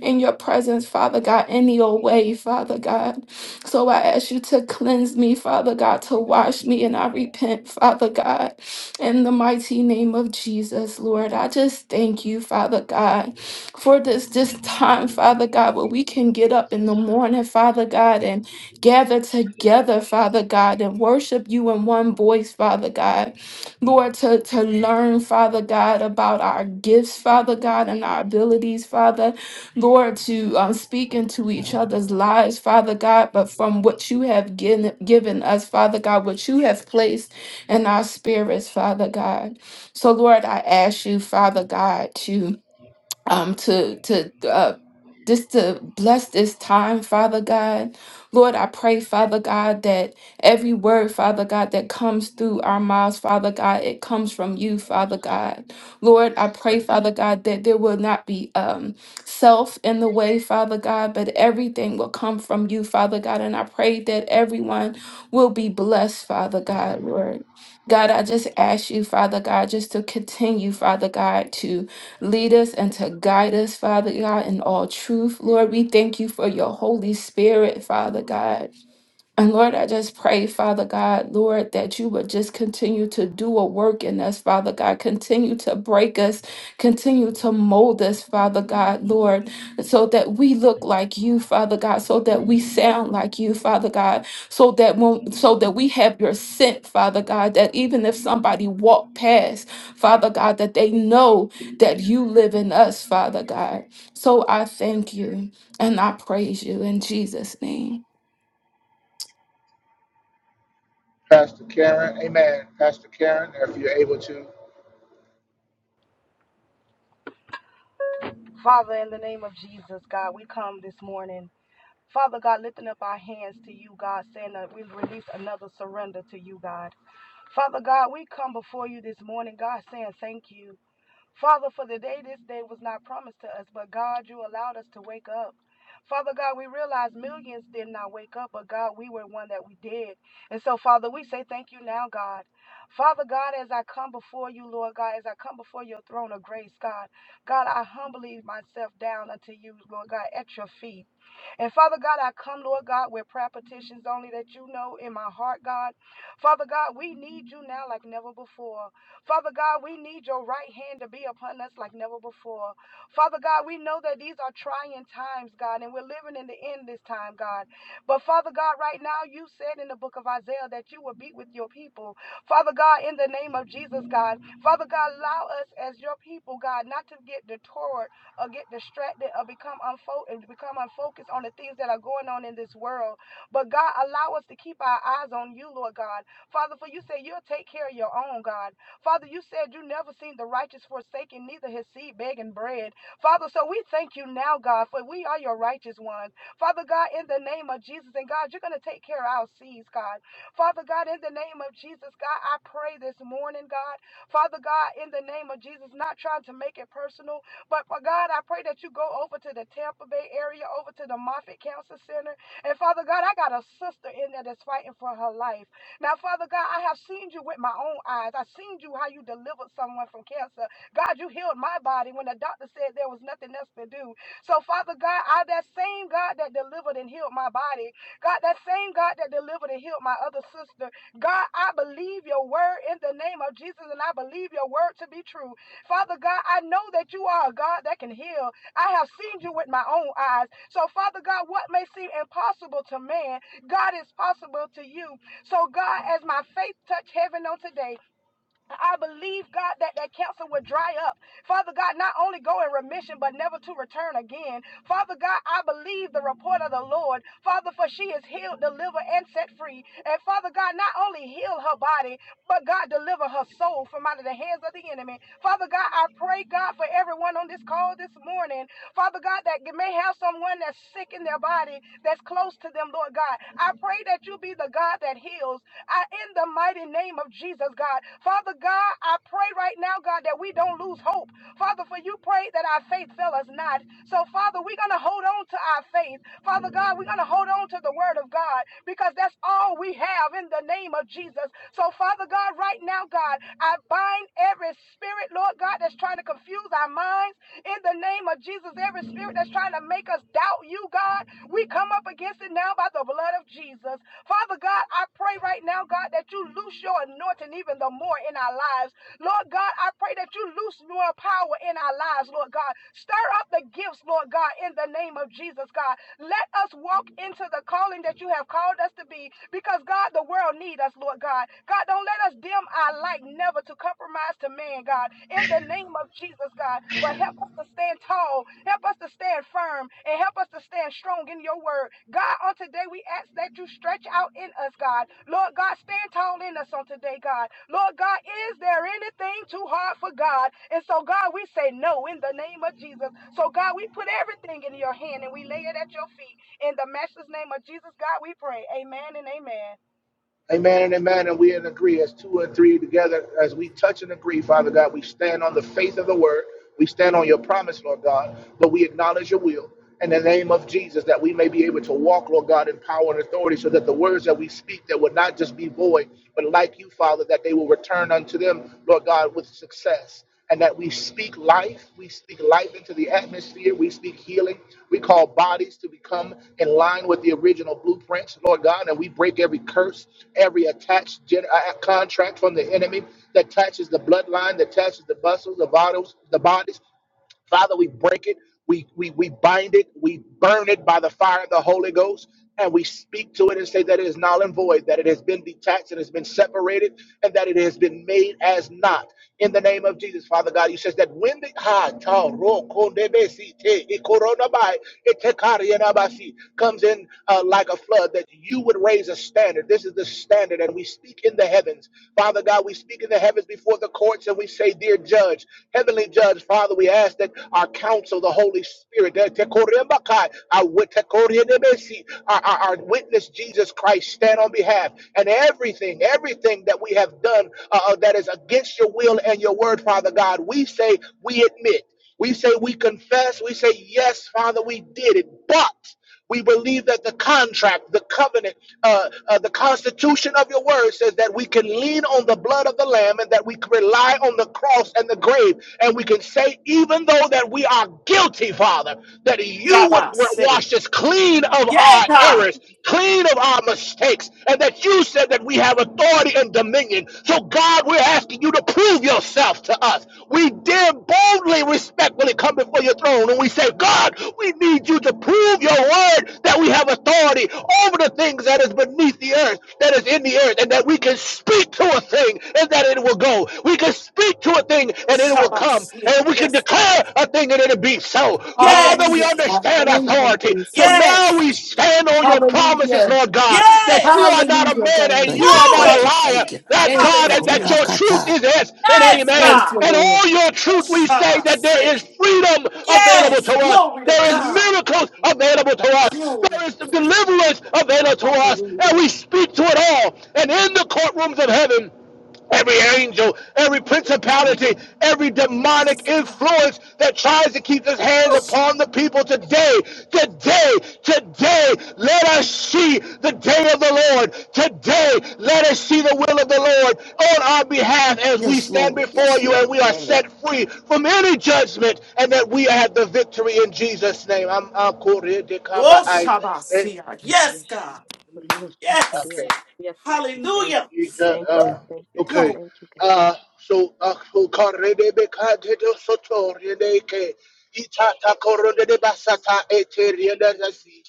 [SPEAKER 7] in your presence, Father God, any old way, Father God. So I ask you to cleanse me, Father God, to wash me, and I repent, Father God, in the mighty name of Jesus, Lord. I just thank you, Father God, for this this time, Father God, where we can get up in the morning, Father God, and gather together, Father God, and worship you in one voice, Father God. Lord, to, to learn, Father God, about our gifts, Father God, and our abilities, Father Lord, to uh, speak into each other's lives, Father God, but from what you have given, given us, Father God, what you have placed in our spirits, Father God. So, Lord, I ask you, Father God, to um to to uh just to bless this time, Father God. Lord, I pray, Father God, that every word, Father God, that comes through our mouths, Father God, it comes from you, Father God. Lord, I pray, Father God, that there will not be um, self in the way, Father God, but everything will come from you, Father God. And I pray that everyone will be blessed, Father God, Lord. God, I just ask you, Father God, just to continue, Father God, to Lead us and to guide us, Father God, in all truth. Lord, we thank you for your Holy Spirit, Father God. And Lord, I just pray, Father God, Lord, that you would just continue to do a work in us, Father God. Continue to break us, continue to mold us, Father God, Lord, so that we look like you, Father God, so that we sound like you, Father God, so that when, so that we have your scent, Father God, that even if somebody walk past, Father God, that they know that you live in us, Father God. So I thank you and I praise you in Jesus' name.
[SPEAKER 5] Pastor Karen, amen. Pastor Karen, if you're able to.
[SPEAKER 8] Father, in the name of Jesus, God, we come this morning. Father God, lifting up our hands to you, God, saying that we release another surrender to you, God. Father God, we come before you this morning, God, saying thank you. Father, for the day this day was not promised to us, but God, you allowed us to wake up. Father God, we realize millions did not wake up, but God, we were one that we did. And so, Father, we say thank you now, God. Father God, as I come before you, Lord God, as I come before your throne of grace, God, God, I humbly myself down unto you, Lord God, at your feet. And Father God, I come, Lord God, with prayer petitions only that you know in my heart, God. Father God, we need you now like never before. Father God, we need your right hand to be upon us like never before. Father God, we know that these are trying times, God, and we're living in the end this time, God. But Father God, right now you said in the book of Isaiah that you will beat with your people. Father God, in the name of Jesus, God, Father God, allow us as your people, God, not to get detoured or get distracted or become unfo- become unfocused on the things that are going on in this world. But God, allow us to keep our eyes on you, Lord God. Father, for you say you'll take care of your own, God. Father, you said you never seen the righteous forsaken, neither his seed begging bread. Father, so we thank you now, God, for we are your righteous ones. Father God, in the name of Jesus, and God, you're going to take care of our seeds, God. Father God, in the name of Jesus, God, I pray this morning, God. Father God, in the name of Jesus, not trying to make it personal, but for God, I pray that you go over to the Tampa Bay area, over to the Moffitt Cancer Center. And Father God, I got a sister in there that's fighting for her life. Now, Father God, I have seen you with my own eyes. I seen you how you delivered someone from cancer. God, you healed my body when the doctor said there was nothing else to do. So, Father God, I that same God that delivered and healed my body, God, that same God that delivered and healed my other sister, God, I believe your word in the name of Jesus, and I believe your word to be true. Father God, I know that you are a God that can heal. I have seen you with my own eyes. So, Father God, what may seem impossible to man, God is possible to you. So, God, as my faith touch heaven on today, I believe, God, that that cancer will dry up. Father God, not only go in remission, but never to return again. Father God, I believe the report of the Lord. Father, for she is healed, delivered, and set free. And Father God, not only heal her body, but God, deliver her soul from out of the hands of the enemy. Father God, I pray, God, for everyone on this call this morning. Father God, that may have someone that's sick in their body, that's close to them, Lord God. I pray that you be the God that heals. I, in the mighty name of Jesus, God. Father God, I pray right now, God, that we don't lose hope. Father, for you prayed that our faith fail us not. So, Father, we're going to hold on to our faith. Father God, we're going to hold on to the word of God because that's all we have in the name of Jesus. So, Father God, right now, God, I bind every spirit, Lord God, that's trying to confuse our minds in the name of Jesus. Every spirit that's trying to make us doubt you, God, we come up against it now by the blood of Jesus. Father God, I pray right now, God, that you loose your anointing even the more in our lives. Lord God, I pray that you loose more power in our lives, Lord God. Stir up the gifts, Lord God, in the name of Jesus, God. Let us walk into the calling that you have called us to be because, God, the world need us, Lord God. God, don't let us dim our light, never to compromise to man, God, in the name of Jesus, God. But help us to to stand tall. Help us to stand firm and help us to stand strong in your word. God, on today we ask that you stretch out in us, God. Lord God, stand tall in us on today, God. Lord God, is there anything too hard for God? And so, God, we say no in the name of Jesus. So, God, we put everything in your hand and we lay it at your feet. In the master's name of Jesus, God, we pray. Amen and amen.
[SPEAKER 5] Amen and amen. And we in agree as two and three together, as we touch and agree, Father God, we stand on the faith of the word. We stand on your promise, Lord God, but we acknowledge your will in the name of Jesus that we may be able to walk, Lord God, in power and authority so that the words that we speak that would not just be void, but like you, Father, that they will return unto them, Lord God, with success. and that we speak life. We speak life into the atmosphere. We speak healing. We call bodies to become in line with the original blueprints, Lord God, and we break every curse, every attached gen- uh, contract from the enemy that attaches the bloodline, that attaches the muscles, the vitals, the bodies. Father, we break it, we, we, we bind it, we burn it by the fire of the Holy Ghost, and we speak to it and say that it is null and void, that it has been detached and has been separated, and that it has been made as not. In the name of Jesus, Father God, you says that when the ha ta, ro, ko, de, be, si, te, i, ko, ro, na, bai, e, te, ka, ri, e, na, ba, si, comes in uh, like a flood, that you would raise a standard. This is the standard, and we speak in the heavens heavens. Father God, we speak in the heavens before the courts and we say, Dear Judge, Heavenly Judge, Father, we ask that our counsel, the Holy Spirit, our our, our, witness, Jesus Christ, stand on behalf. And everything, everything that we have done uh, uh, that is against your will and your word, Father God, we say, we admit. We say, we confess. We say, yes, Father, we did it. but. We believe that the contract, the covenant, uh, uh, the constitution of your word says that we can lean on the blood of the Lamb and that we can rely on the cross and the grave. And we can say, even though that we are guilty, Father, that you would
[SPEAKER 3] Shabbat
[SPEAKER 5] wash us clean of
[SPEAKER 3] Yeah.
[SPEAKER 5] our errors, clean of our mistakes, and that you said that we have authority and dominion. So, God, we're asking asking you to prove yourself to us. We dare boldly, respectfully come before your throne and we say, God, we need you to prove your word that we have authority over the things that is beneath the earth, that is in the earth, and that we can speak to a thing and that it will go. We can speak to a thing and it will come.
[SPEAKER 3] Shabbat. Yeah.
[SPEAKER 5] And we can
[SPEAKER 3] Yes, God.
[SPEAKER 5] declare a thing and it'll be so. Father, we
[SPEAKER 7] Hallelujah,
[SPEAKER 3] Yes.
[SPEAKER 7] God.
[SPEAKER 5] understand authority
[SPEAKER 7] Thank you,
[SPEAKER 5] authority. So
[SPEAKER 7] Jesus.
[SPEAKER 5] now
[SPEAKER 3] Yes.
[SPEAKER 5] we stand on your promises,
[SPEAKER 7] Hallelujah.
[SPEAKER 5] Lord God, that you are
[SPEAKER 3] Yes.
[SPEAKER 5] not a
[SPEAKER 7] Hallelujah,
[SPEAKER 5] man and
[SPEAKER 7] God.
[SPEAKER 5] you
[SPEAKER 2] Thank you.
[SPEAKER 5] are not a
[SPEAKER 2] Thank
[SPEAKER 3] Glory.
[SPEAKER 2] you.
[SPEAKER 5] liar,
[SPEAKER 2] Thank you.
[SPEAKER 5] that
[SPEAKER 7] Thank
[SPEAKER 5] God,
[SPEAKER 7] you,
[SPEAKER 5] and that
[SPEAKER 3] Hallelujah.
[SPEAKER 5] your truth
[SPEAKER 7] Jesus.
[SPEAKER 2] Kubakatai.
[SPEAKER 5] is yes and
[SPEAKER 3] Yes,
[SPEAKER 5] amen.
[SPEAKER 7] Thank you,
[SPEAKER 3] God.
[SPEAKER 5] And
[SPEAKER 7] Lord.
[SPEAKER 5] all your
[SPEAKER 3] Oh,
[SPEAKER 5] truth, we say
[SPEAKER 3] Shabbat
[SPEAKER 5] that
[SPEAKER 3] say.
[SPEAKER 5] there is freedom available
[SPEAKER 3] Yes.
[SPEAKER 5] to us.
[SPEAKER 3] Glory to
[SPEAKER 5] There is
[SPEAKER 3] God.
[SPEAKER 5] miracles available to us. There
[SPEAKER 3] Glory
[SPEAKER 5] is deliverance available to us. And
[SPEAKER 7] Hallelujah.
[SPEAKER 5] we speak to it all. And in the courtrooms of heaven, every angel, every
[SPEAKER 3] to God.
[SPEAKER 6] Most
[SPEAKER 5] principality, every demonic
[SPEAKER 3] Yes, God.
[SPEAKER 5] influence that tries to keep his hands upon the people today, today, today, let us see the day of the Lord. Today, let us see the will of the Lord on our behalf as we
[SPEAKER 2] Yes,
[SPEAKER 5] stand
[SPEAKER 2] Lord.
[SPEAKER 5] before
[SPEAKER 2] Yes,
[SPEAKER 5] you
[SPEAKER 2] Lord.
[SPEAKER 5] and we are
[SPEAKER 6] today,
[SPEAKER 5] set free from any judgment and that we have the victory in Jesus' name. I'm, I'm Kori
[SPEAKER 3] Oh,
[SPEAKER 6] we
[SPEAKER 3] Shabbat
[SPEAKER 5] eh,
[SPEAKER 3] say. Yes,
[SPEAKER 6] wish-
[SPEAKER 3] God.
[SPEAKER 6] we wish to
[SPEAKER 3] Yes.
[SPEAKER 6] Korea.
[SPEAKER 5] Okay.
[SPEAKER 6] Yes, we thank
[SPEAKER 3] Hallelujah.
[SPEAKER 6] you,
[SPEAKER 5] Yeah,
[SPEAKER 6] thank you,
[SPEAKER 5] um,
[SPEAKER 6] God, thank you, God,
[SPEAKER 5] okay.
[SPEAKER 3] Glory.
[SPEAKER 6] thank you, God. Thank
[SPEAKER 5] Uh, so, uh, so korebe beka de do soto rene ke itata korone de basata ete rene nasi.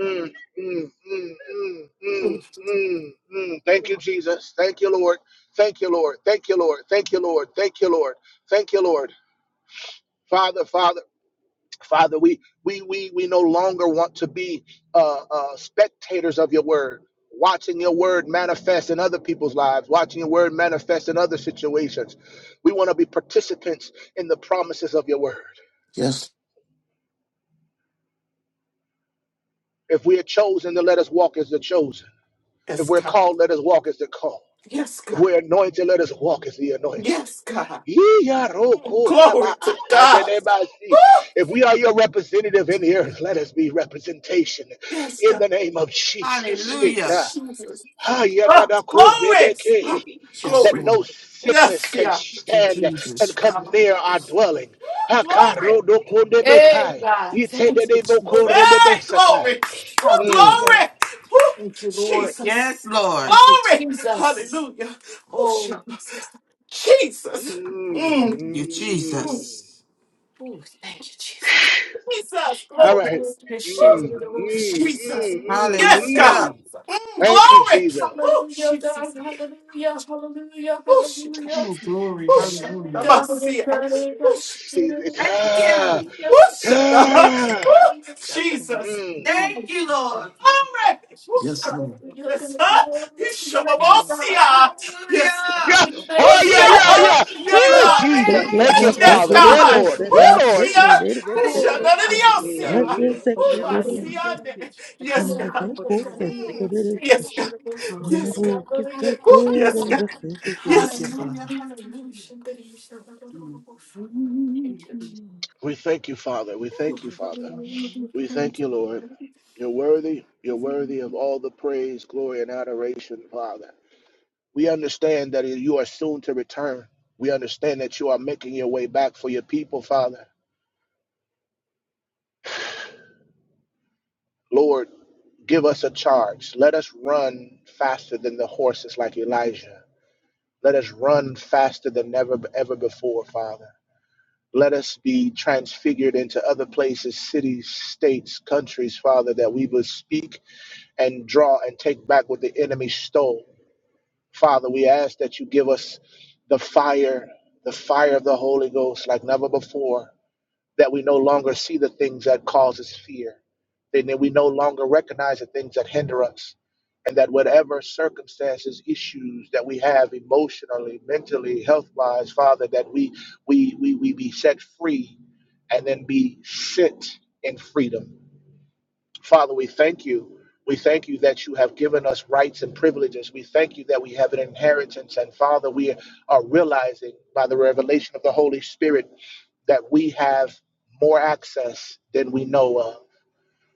[SPEAKER 5] Mm, mm, mm, mm, mm, mm, mm. Thank you, Jesus. Thank you, Lord. Thank you, Lord. Thank you, Lord. Thank you, Lord. Thank you, Lord. Thank you, Lord. Father, Father. Father, we we we we no longer want to be uh, uh, spectators of your word, watching your word manifest in other people's lives, watching your word manifest in other situations. We want to be participants in the promises of your word.
[SPEAKER 2] Yes.
[SPEAKER 5] If we are chosen, then let us walk as the chosen. If
[SPEAKER 3] Yes,
[SPEAKER 5] we're
[SPEAKER 3] God.
[SPEAKER 5] called, let us walk as the called.
[SPEAKER 3] Yes,
[SPEAKER 5] If
[SPEAKER 3] God.
[SPEAKER 5] we're anointed, let us walk as the anointed.
[SPEAKER 3] Yes, God.
[SPEAKER 5] If
[SPEAKER 3] Glory to God. Woo!
[SPEAKER 5] we are your representative in here, let us be representation
[SPEAKER 3] Yes,
[SPEAKER 5] in
[SPEAKER 3] God.
[SPEAKER 5] the name of
[SPEAKER 3] In the
[SPEAKER 5] Jesus.
[SPEAKER 3] name of
[SPEAKER 4] Hallelujah.
[SPEAKER 3] Jesus. Oh,
[SPEAKER 5] That
[SPEAKER 3] glory. Oh,
[SPEAKER 2] Yes,
[SPEAKER 3] glory.
[SPEAKER 5] no
[SPEAKER 2] Lord.
[SPEAKER 3] Yes,
[SPEAKER 5] sickness can
[SPEAKER 4] Thank you,
[SPEAKER 5] stand and
[SPEAKER 4] Jesus.
[SPEAKER 5] come
[SPEAKER 3] yeah.
[SPEAKER 5] near our dwelling.
[SPEAKER 3] Glory. Hey,
[SPEAKER 7] Hey,
[SPEAKER 5] Mm.
[SPEAKER 7] God. Thank you, Jesus.
[SPEAKER 3] glory. Woo,
[SPEAKER 7] Hallelujah.
[SPEAKER 3] glory. Woo,
[SPEAKER 7] Thank you, Lord.
[SPEAKER 3] Jesus.
[SPEAKER 4] Yes, Lord. Thank
[SPEAKER 7] Thank you,
[SPEAKER 3] Glory.
[SPEAKER 7] Jesus.
[SPEAKER 3] Hallelujah. Woo,
[SPEAKER 7] Oh,
[SPEAKER 3] shuck.
[SPEAKER 7] yes,
[SPEAKER 3] Jesus.
[SPEAKER 7] God.
[SPEAKER 3] Mm.
[SPEAKER 4] you,
[SPEAKER 5] Mm.
[SPEAKER 4] Jesus.
[SPEAKER 7] Oh, thank you, Jesus.
[SPEAKER 3] Jesus.
[SPEAKER 5] All
[SPEAKER 3] Glory.
[SPEAKER 5] right.
[SPEAKER 7] Hallelujah.
[SPEAKER 3] Woo,
[SPEAKER 5] Mm, mm,
[SPEAKER 3] Jesus.
[SPEAKER 5] mm, mm,
[SPEAKER 3] Yes, God.
[SPEAKER 4] Hallelujah.
[SPEAKER 5] mm.
[SPEAKER 3] Mm,
[SPEAKER 5] Thank you,
[SPEAKER 3] glory.
[SPEAKER 5] Jesus.
[SPEAKER 3] Woo,
[SPEAKER 7] Hallelujah, God.
[SPEAKER 3] Jesus.
[SPEAKER 7] Hallelujah, hallelujah,
[SPEAKER 3] Woo, shuck.
[SPEAKER 7] hallelujah.
[SPEAKER 4] Oh, glory.
[SPEAKER 3] Woo, shuck.
[SPEAKER 7] Thank
[SPEAKER 4] Hallelujah.
[SPEAKER 7] God thank
[SPEAKER 3] Namasia.
[SPEAKER 7] God, thank
[SPEAKER 3] Woo,
[SPEAKER 7] God.
[SPEAKER 3] sh-
[SPEAKER 5] See, it's-
[SPEAKER 4] Thank
[SPEAKER 5] ah,
[SPEAKER 4] you.
[SPEAKER 3] woo,
[SPEAKER 7] Yes,
[SPEAKER 6] you,
[SPEAKER 7] God.
[SPEAKER 3] shuck.
[SPEAKER 6] God, thank you, God, thank you,
[SPEAKER 5] ah,
[SPEAKER 3] Woo,
[SPEAKER 6] God,
[SPEAKER 3] Jesus.
[SPEAKER 5] mm.
[SPEAKER 4] Thank
[SPEAKER 3] Mm.
[SPEAKER 6] thank
[SPEAKER 4] you.
[SPEAKER 6] you, God,
[SPEAKER 3] Glory!
[SPEAKER 6] thank you,
[SPEAKER 2] Yes,
[SPEAKER 3] Whoosha!
[SPEAKER 6] God,
[SPEAKER 2] Lord.
[SPEAKER 6] thank
[SPEAKER 7] Hallelujah,
[SPEAKER 6] you,
[SPEAKER 7] God.
[SPEAKER 3] Yes,
[SPEAKER 6] God.
[SPEAKER 3] huh?
[SPEAKER 7] Glory to your name,
[SPEAKER 6] Mm,
[SPEAKER 7] God.
[SPEAKER 3] Ishababosia! Yes,
[SPEAKER 5] Yeah,
[SPEAKER 7] To
[SPEAKER 4] Hallelujah.
[SPEAKER 6] Korea,
[SPEAKER 7] your
[SPEAKER 5] oh,
[SPEAKER 7] name,
[SPEAKER 5] yeah,
[SPEAKER 3] Whoosha,
[SPEAKER 6] Korea,
[SPEAKER 7] God.
[SPEAKER 6] but
[SPEAKER 5] yeah,
[SPEAKER 3] huh?
[SPEAKER 5] yeah.
[SPEAKER 6] not to-
[SPEAKER 3] Yeah,
[SPEAKER 5] Woo,
[SPEAKER 3] God!
[SPEAKER 1] They
[SPEAKER 5] Jesus.
[SPEAKER 1] can't
[SPEAKER 5] Thank
[SPEAKER 3] Whoosh,
[SPEAKER 5] you,
[SPEAKER 1] not
[SPEAKER 4] Glory.
[SPEAKER 3] Yes,
[SPEAKER 1] take
[SPEAKER 5] Father.
[SPEAKER 1] it
[SPEAKER 5] Yeah,
[SPEAKER 1] and
[SPEAKER 6] yeah,
[SPEAKER 3] God!
[SPEAKER 1] go
[SPEAKER 5] Lord.
[SPEAKER 1] say it
[SPEAKER 5] Yeah,
[SPEAKER 1] and I
[SPEAKER 5] Lord.
[SPEAKER 1] just
[SPEAKER 3] Whoosha!
[SPEAKER 1] say it again. They
[SPEAKER 7] Oh,
[SPEAKER 3] Whoosha,
[SPEAKER 6] Mariastic
[SPEAKER 3] none
[SPEAKER 1] just
[SPEAKER 3] of the
[SPEAKER 4] Hallelujah.
[SPEAKER 1] go.
[SPEAKER 6] candle also Mariachi, Cambio
[SPEAKER 3] else,
[SPEAKER 6] de
[SPEAKER 7] hallelujah.
[SPEAKER 3] yeah.
[SPEAKER 1] Nothing
[SPEAKER 5] Mm-hmm.
[SPEAKER 6] Orso,
[SPEAKER 3] Whoo,
[SPEAKER 1] second
[SPEAKER 6] Maria
[SPEAKER 3] my
[SPEAKER 1] to those.
[SPEAKER 6] Mariachi,
[SPEAKER 7] Hallelujah.
[SPEAKER 3] siane. Yes,
[SPEAKER 1] And they
[SPEAKER 7] Hallelujah.
[SPEAKER 3] God!
[SPEAKER 1] go go say
[SPEAKER 6] Maria,
[SPEAKER 3] Mm.
[SPEAKER 1] it.
[SPEAKER 3] Yes, God!
[SPEAKER 6] Maria,
[SPEAKER 1] And they
[SPEAKER 3] Yes, God!
[SPEAKER 1] go
[SPEAKER 7] Hallelujah.
[SPEAKER 1] go
[SPEAKER 3] Whoo,
[SPEAKER 1] say it
[SPEAKER 7] Hallelujah.
[SPEAKER 3] Yes,
[SPEAKER 6] Maria,
[SPEAKER 1] and
[SPEAKER 3] God!
[SPEAKER 1] just say it.
[SPEAKER 2] Thank
[SPEAKER 3] Yes,
[SPEAKER 2] you,
[SPEAKER 3] God!
[SPEAKER 4] Hallelujah.
[SPEAKER 2] Father.
[SPEAKER 7] Amen.
[SPEAKER 4] Hallelujah.
[SPEAKER 6] Maria,
[SPEAKER 5] We thank you, Father. We thank you, Father. We thank you, Lord. You're worthy. You're worthy of all the praise, glory, and adoration, Father. We understand that you are soon to return. We understand that you are making your way back for your people, Father. Lord, give us a charge. Let us run faster than the horses like Elijah. Let us run faster than never ever before, Father. Let us be transfigured into other places, cities, states, countries, Father, that we will speak and draw and take back what the enemy stole. Father, we ask that you give us the fire, the fire of the Holy Ghost like never before that we no longer see the things that causes fear, and that we no longer recognize the things that hinder us, and that whatever circumstances, issues that we have emotionally, mentally, health-wise, Father, that we we we we be set free, and then be sit in freedom Father, we thank you. We thank you that you have given us rights and privileges. We thank you that we have an inheritance. And Father, we are realizing by the revelation of the Holy Spirit that we have more access than we know of.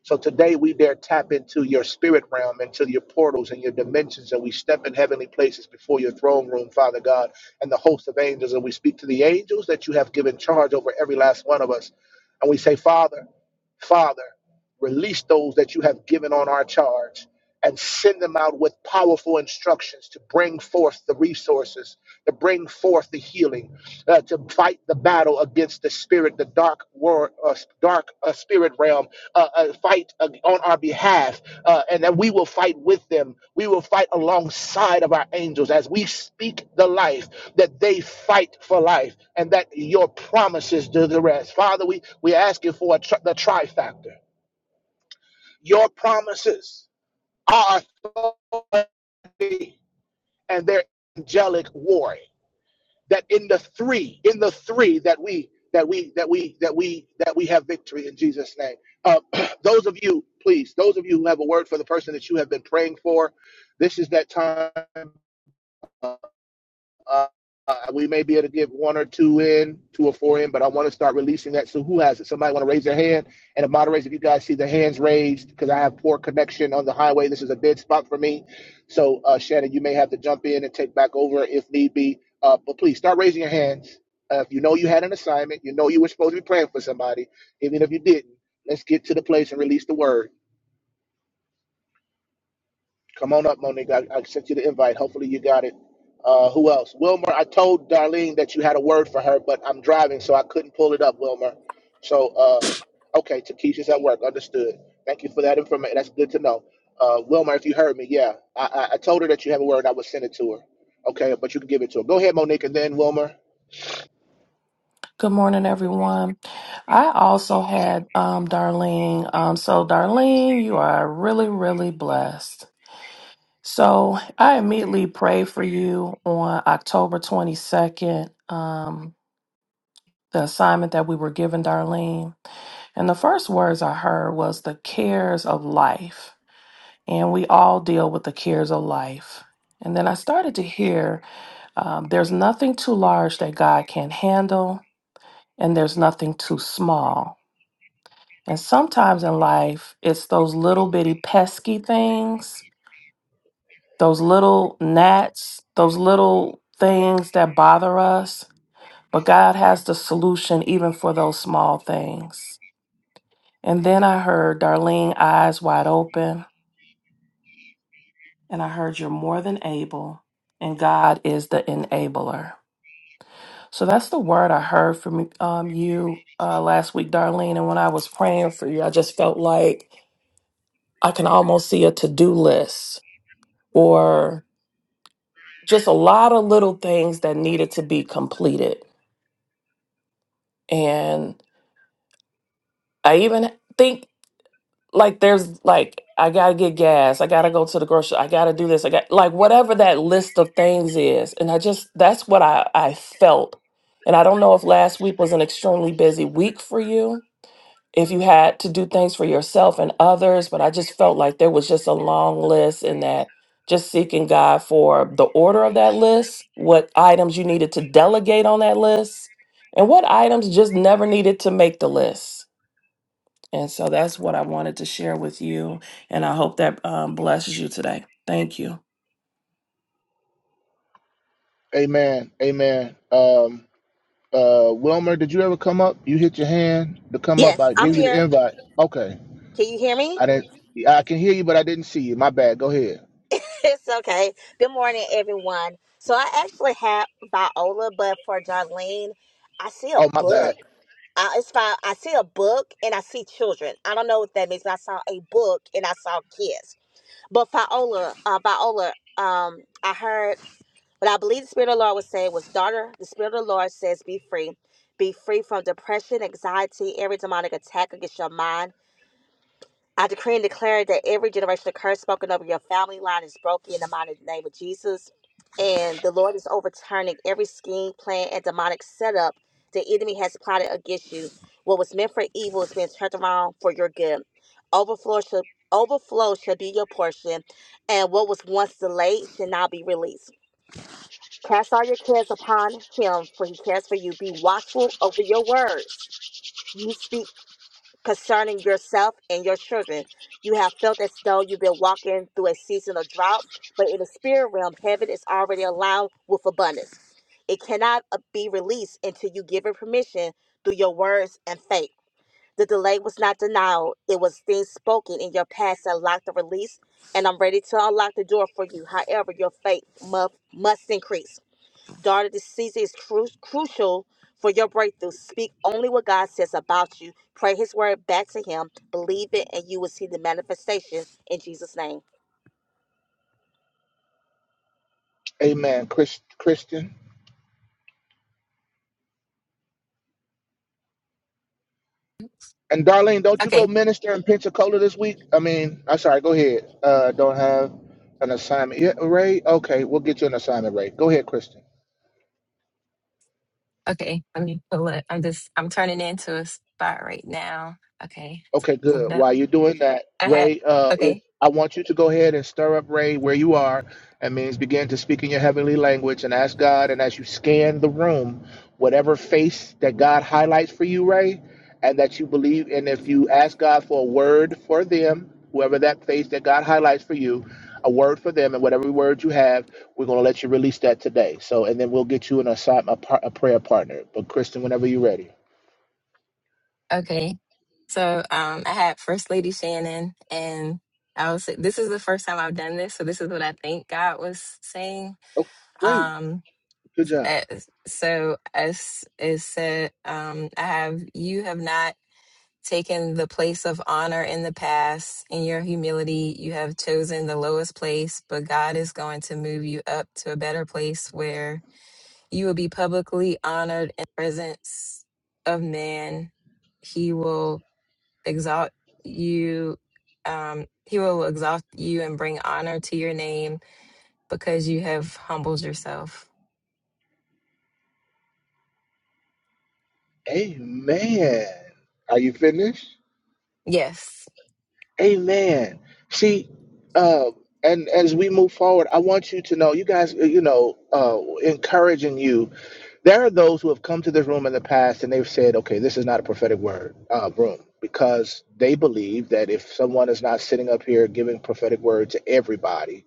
[SPEAKER 5] So today we dare tap into your spirit realm, into your portals and your dimensions, and we step in heavenly places before your throne room, Father God, and the host of angels, and we speak to the angels that you have given charge over every last one of us. And we say, Father, Father, release those that you have given on our charge and send them out with powerful instructions to bring forth the resources, to bring forth the healing, uh, to fight the battle against the spirit, the dark world, uh, dark uh, spirit realm uh, uh, fight uh, on our behalf, uh, and that we will fight with them. We will fight alongside of our angels as we speak the life that they fight for life, and that your promises do the rest. Father, we we ask you for a tri- the trifactor. Your promises are authority and their angelic war. that in the three, in the three that we that we that we that we that we have victory in Jesus' name. Uh, those of you, please, those of you who have a word for the person that you have been praying for, this is that time uh, uh, uh, we may be able to get one or two in, two or four in, but I want to start releasing that. So who has it? Somebody want to raise their hand? And the moderators, if you guys see the hands raised, because I have poor connection on the highway, this is a dead spot for me. So uh, Shannon, you may have to jump in and take back over if need be. Uh, but please start raising your hands. Uh, if you know you had an assignment, you know you were supposed to be praying for somebody, even if you didn't. Let's get to the place and release the word. Come on up, Monique. I, I sent you the invite. Hopefully you got it. Uh, who else? Wilmer, I told Darlene that you had a word for her, but I'm driving, so I couldn't pull it up, Wilmer. So, uh, okay, Takesha's at work. Understood. Thank you for that information. That's good to know. Uh, Wilmer, if you heard me, yeah. I, I, I told her that you have a word. I would send it to her. Okay, but you can give it to her. Go ahead, Monique, and then Wilmer.
[SPEAKER 9] Good morning, everyone. I also had um, Darlene. Um, so, Darlene, you are really, really blessed. So, I immediately prayed for you on October 22nd, um, the assignment that we were given, Darlene. And the first words I heard was the cares of life. And we all deal with the cares of life. And then I started to hear um, there's nothing too large that God can't handle, and there's nothing too small And sometimes in life, it's those little bitty pesky things, those little gnats, those little things that bother us. But God has the solution even for those small things. And then I heard Darlene eyes wide open, and I heard you're more than able, and God is the enabler. So that's the word I heard from um, you uh, last week, Darlene. And when I was praying for you, I just felt like I can almost see a to do list or just a lot of little things that needed to be completed. And I even think like there's like I gotta get gas, I gotta go to the grocery, I gotta do this, I got like whatever that list of things is. And I just that's what I, I felt. And I don't know if last week was an extremely busy week for you, if you had to do things for yourself and others, but I just felt like there was just a long list and that just seeking God for the order of that list, what items you needed to delegate on that list, and what items just never needed to make the list. And so that's what I wanted to share with you. And I hope that um, blesses you today. Thank you.
[SPEAKER 5] Amen. Amen. Um, uh, Wilmer, did you ever come up? You hit your hand to come up.
[SPEAKER 10] Yes,
[SPEAKER 5] I
[SPEAKER 10] I'm
[SPEAKER 5] gave you
[SPEAKER 10] here.
[SPEAKER 5] the invite. Okay.
[SPEAKER 10] Can you hear me?
[SPEAKER 5] I didn't. I can hear you, but I didn't see you. My bad. Go ahead.
[SPEAKER 10] It's okay. Good morning, everyone. So I actually have Viola, but for Darlene, I see a
[SPEAKER 5] Oh, my bad.
[SPEAKER 10] book. I, it's fine. I see a book and I see children. I don't know what that means. but I saw a book and I saw kids. But Viola, uh, Viola, um, I heard what I believe the Spirit of the Lord was saying was, daughter, the Spirit of the Lord says, be free. Be free from depression, anxiety, every demonic attack against your mind I decree and declare that every generation of curse spoken over your family line is broken in the mighty name of Jesus. And the Lord is overturning every scheme, plan, and demonic setup the enemy has plotted against you. What was meant for evil is being turned around for your good. Overflow should overflow shall be your portion, and what was once delayed shall now be released. Cast all your cares upon him, for he cares for you. Be watchful over your words. You speak concerning yourself and your children. You have felt as though you've been walking through a season of drought, but in the spirit realm, heaven is already allowed with abundance. It cannot uh, be released until you give it permission through your words and faith. The delay was not denial, it was things spoken in your past that locked the release, and I'm ready to unlock the door for you. However, your faith mu- must increase. Daughter, this season is cru- crucial for your breakthrough. Speak only what God says about you. Pray His word back to Him. Believe it, and you will see the manifestation in Jesus' name.
[SPEAKER 5] Amen, Chris, Christian. And Darlene, don't you go
[SPEAKER 11] Okay.
[SPEAKER 5] minister in Pensacola this week? I mean, I'm sorry. Go ahead. Uh, don't have an assignment. Yeah, Ray. Okay, we'll get you an assignment, Ray. Go ahead, Christian.
[SPEAKER 11] Okay. Let me pull it. I'm just I'm turning into a spot right now. Okay.
[SPEAKER 5] Okay,
[SPEAKER 11] Pull it
[SPEAKER 5] good.
[SPEAKER 11] up.
[SPEAKER 5] While you're doing that,
[SPEAKER 11] I had
[SPEAKER 5] Ray, uh, if
[SPEAKER 11] okay.
[SPEAKER 5] I want you to go ahead and stir up Ray where you are, that means begin to speak in your heavenly language and ask God. And as you scan the room, whatever face that God highlights for you, Ray, and that you believe, and if you ask God for a word for them, whoever that face that God highlights for you, a word for them, and whatever word you have, we're going to let you release that today. So, and then we'll get you an assi- a, par- a prayer partner. But Kristen, whenever you're ready.
[SPEAKER 11] Okay. So um I had First Lady Shannon and I was this is the first time I've done this, so this is what I think God was saying.
[SPEAKER 5] Oh, great.
[SPEAKER 11] Um
[SPEAKER 5] Good job.
[SPEAKER 11] uh, so as it said, um I have you have not taken the place of honor in the past. In your humility, you have chosen the lowest place, but God is going to move you up to a better place where you will be publicly honored in the presence of man. He will exalt you. Um, he will exalt you and bring honor to your name because you have humbled yourself.
[SPEAKER 5] Amen. Are you finished?
[SPEAKER 11] Yes.
[SPEAKER 5] Amen. See, uh, and as we move forward, I want you to know, you guys, uh, you know, uh, encouraging you. There are those who have come to this room in the past and they've said, okay, this is not a prophetic word uh, room because they believe that if someone is not sitting up here giving prophetic word to everybody,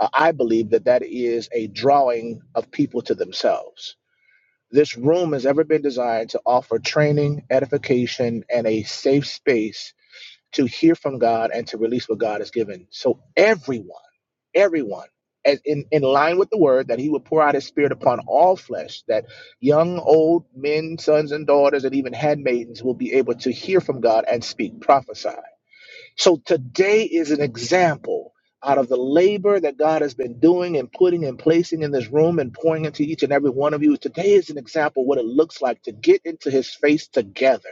[SPEAKER 5] uh, I believe that that is a drawing of people to themselves this room has ever been designed to offer training, edification, and a safe space to hear from God and to release what God has given. So everyone, everyone, as in, in line with the word that he would pour out his spirit upon all flesh, that young, old men, sons and daughters, and even handmaidens will be able to hear from God and speak, prophesy. So today is an example out of the labor that God has been doing and putting and placing in this room and pouring into each and every one of you. Today is an example what it looks like to get into his face together.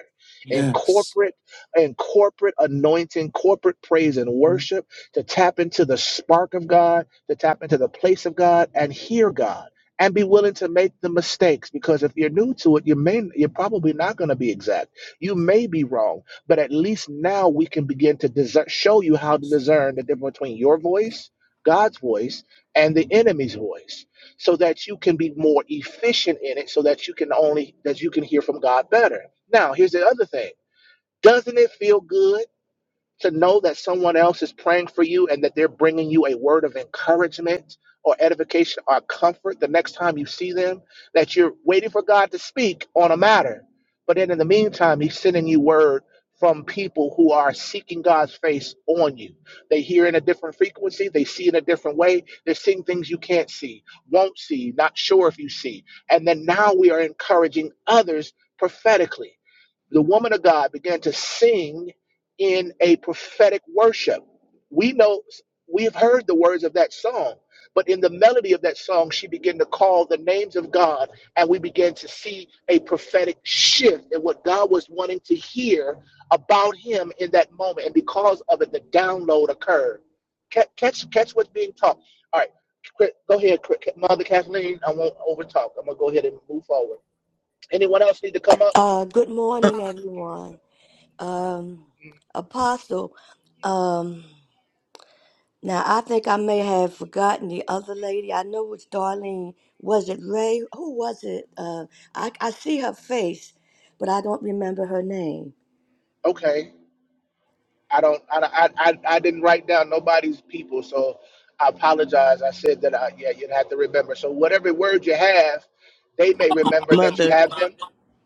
[SPEAKER 5] In
[SPEAKER 2] Yes.
[SPEAKER 5] corporate in corporate anointing, corporate praise and
[SPEAKER 2] Mhm.
[SPEAKER 5] worship, to tap into the spark of God, to tap into the place of God and hear God and be willing to make the mistakes because if you're new to it, you may you're probably not going to be exact. You may be wrong but at least now we can begin to discern, show you how to discern the difference between your voice, God's voice, and the enemy's voice, so that you can be more efficient in it, so that you can only that you can hear from God better. Now, here's the other thing: Doesn't it feel good? to know that someone else is praying for you and that they're bringing you a word of encouragement or edification or comfort the next time you see them, that you're waiting for God to speak on a matter. But then in the meantime, He's sending you word from people who are seeking God's face on you. They hear in a different frequency, they see in a different way, they're seeing things you can't see, won't see, not sure if you see. And then now we are encouraging others prophetically the woman of God began to sing in a prophetic worship. We know we have heard the words of that song, but in the melody of that song, she began to call the names of God, and we began to see a prophetic shift in what God was wanting to hear about Him in that moment. And because of it, the download occurred. Ca- Catch, catch what's being taught. All right, Cri- go ahead, Cri- Mother Kathleen. I won't overtalk. I'm gonna go ahead and move forward. Anyone else need to come up?
[SPEAKER 12] Uh, good morning, everyone. Um, Apostle, um, now I think I may have forgotten the other lady. I know it was Darlene. Was it Ray? Who was it? Uh, I, I see her face, but I don't remember her name.
[SPEAKER 5] Okay. I don't. I, I, I, I didn't write down nobody's people, so I apologize. I said that. I, yeah, you'd have to remember. So whatever word you have, they may remember that you
[SPEAKER 1] Mother.
[SPEAKER 5] have them.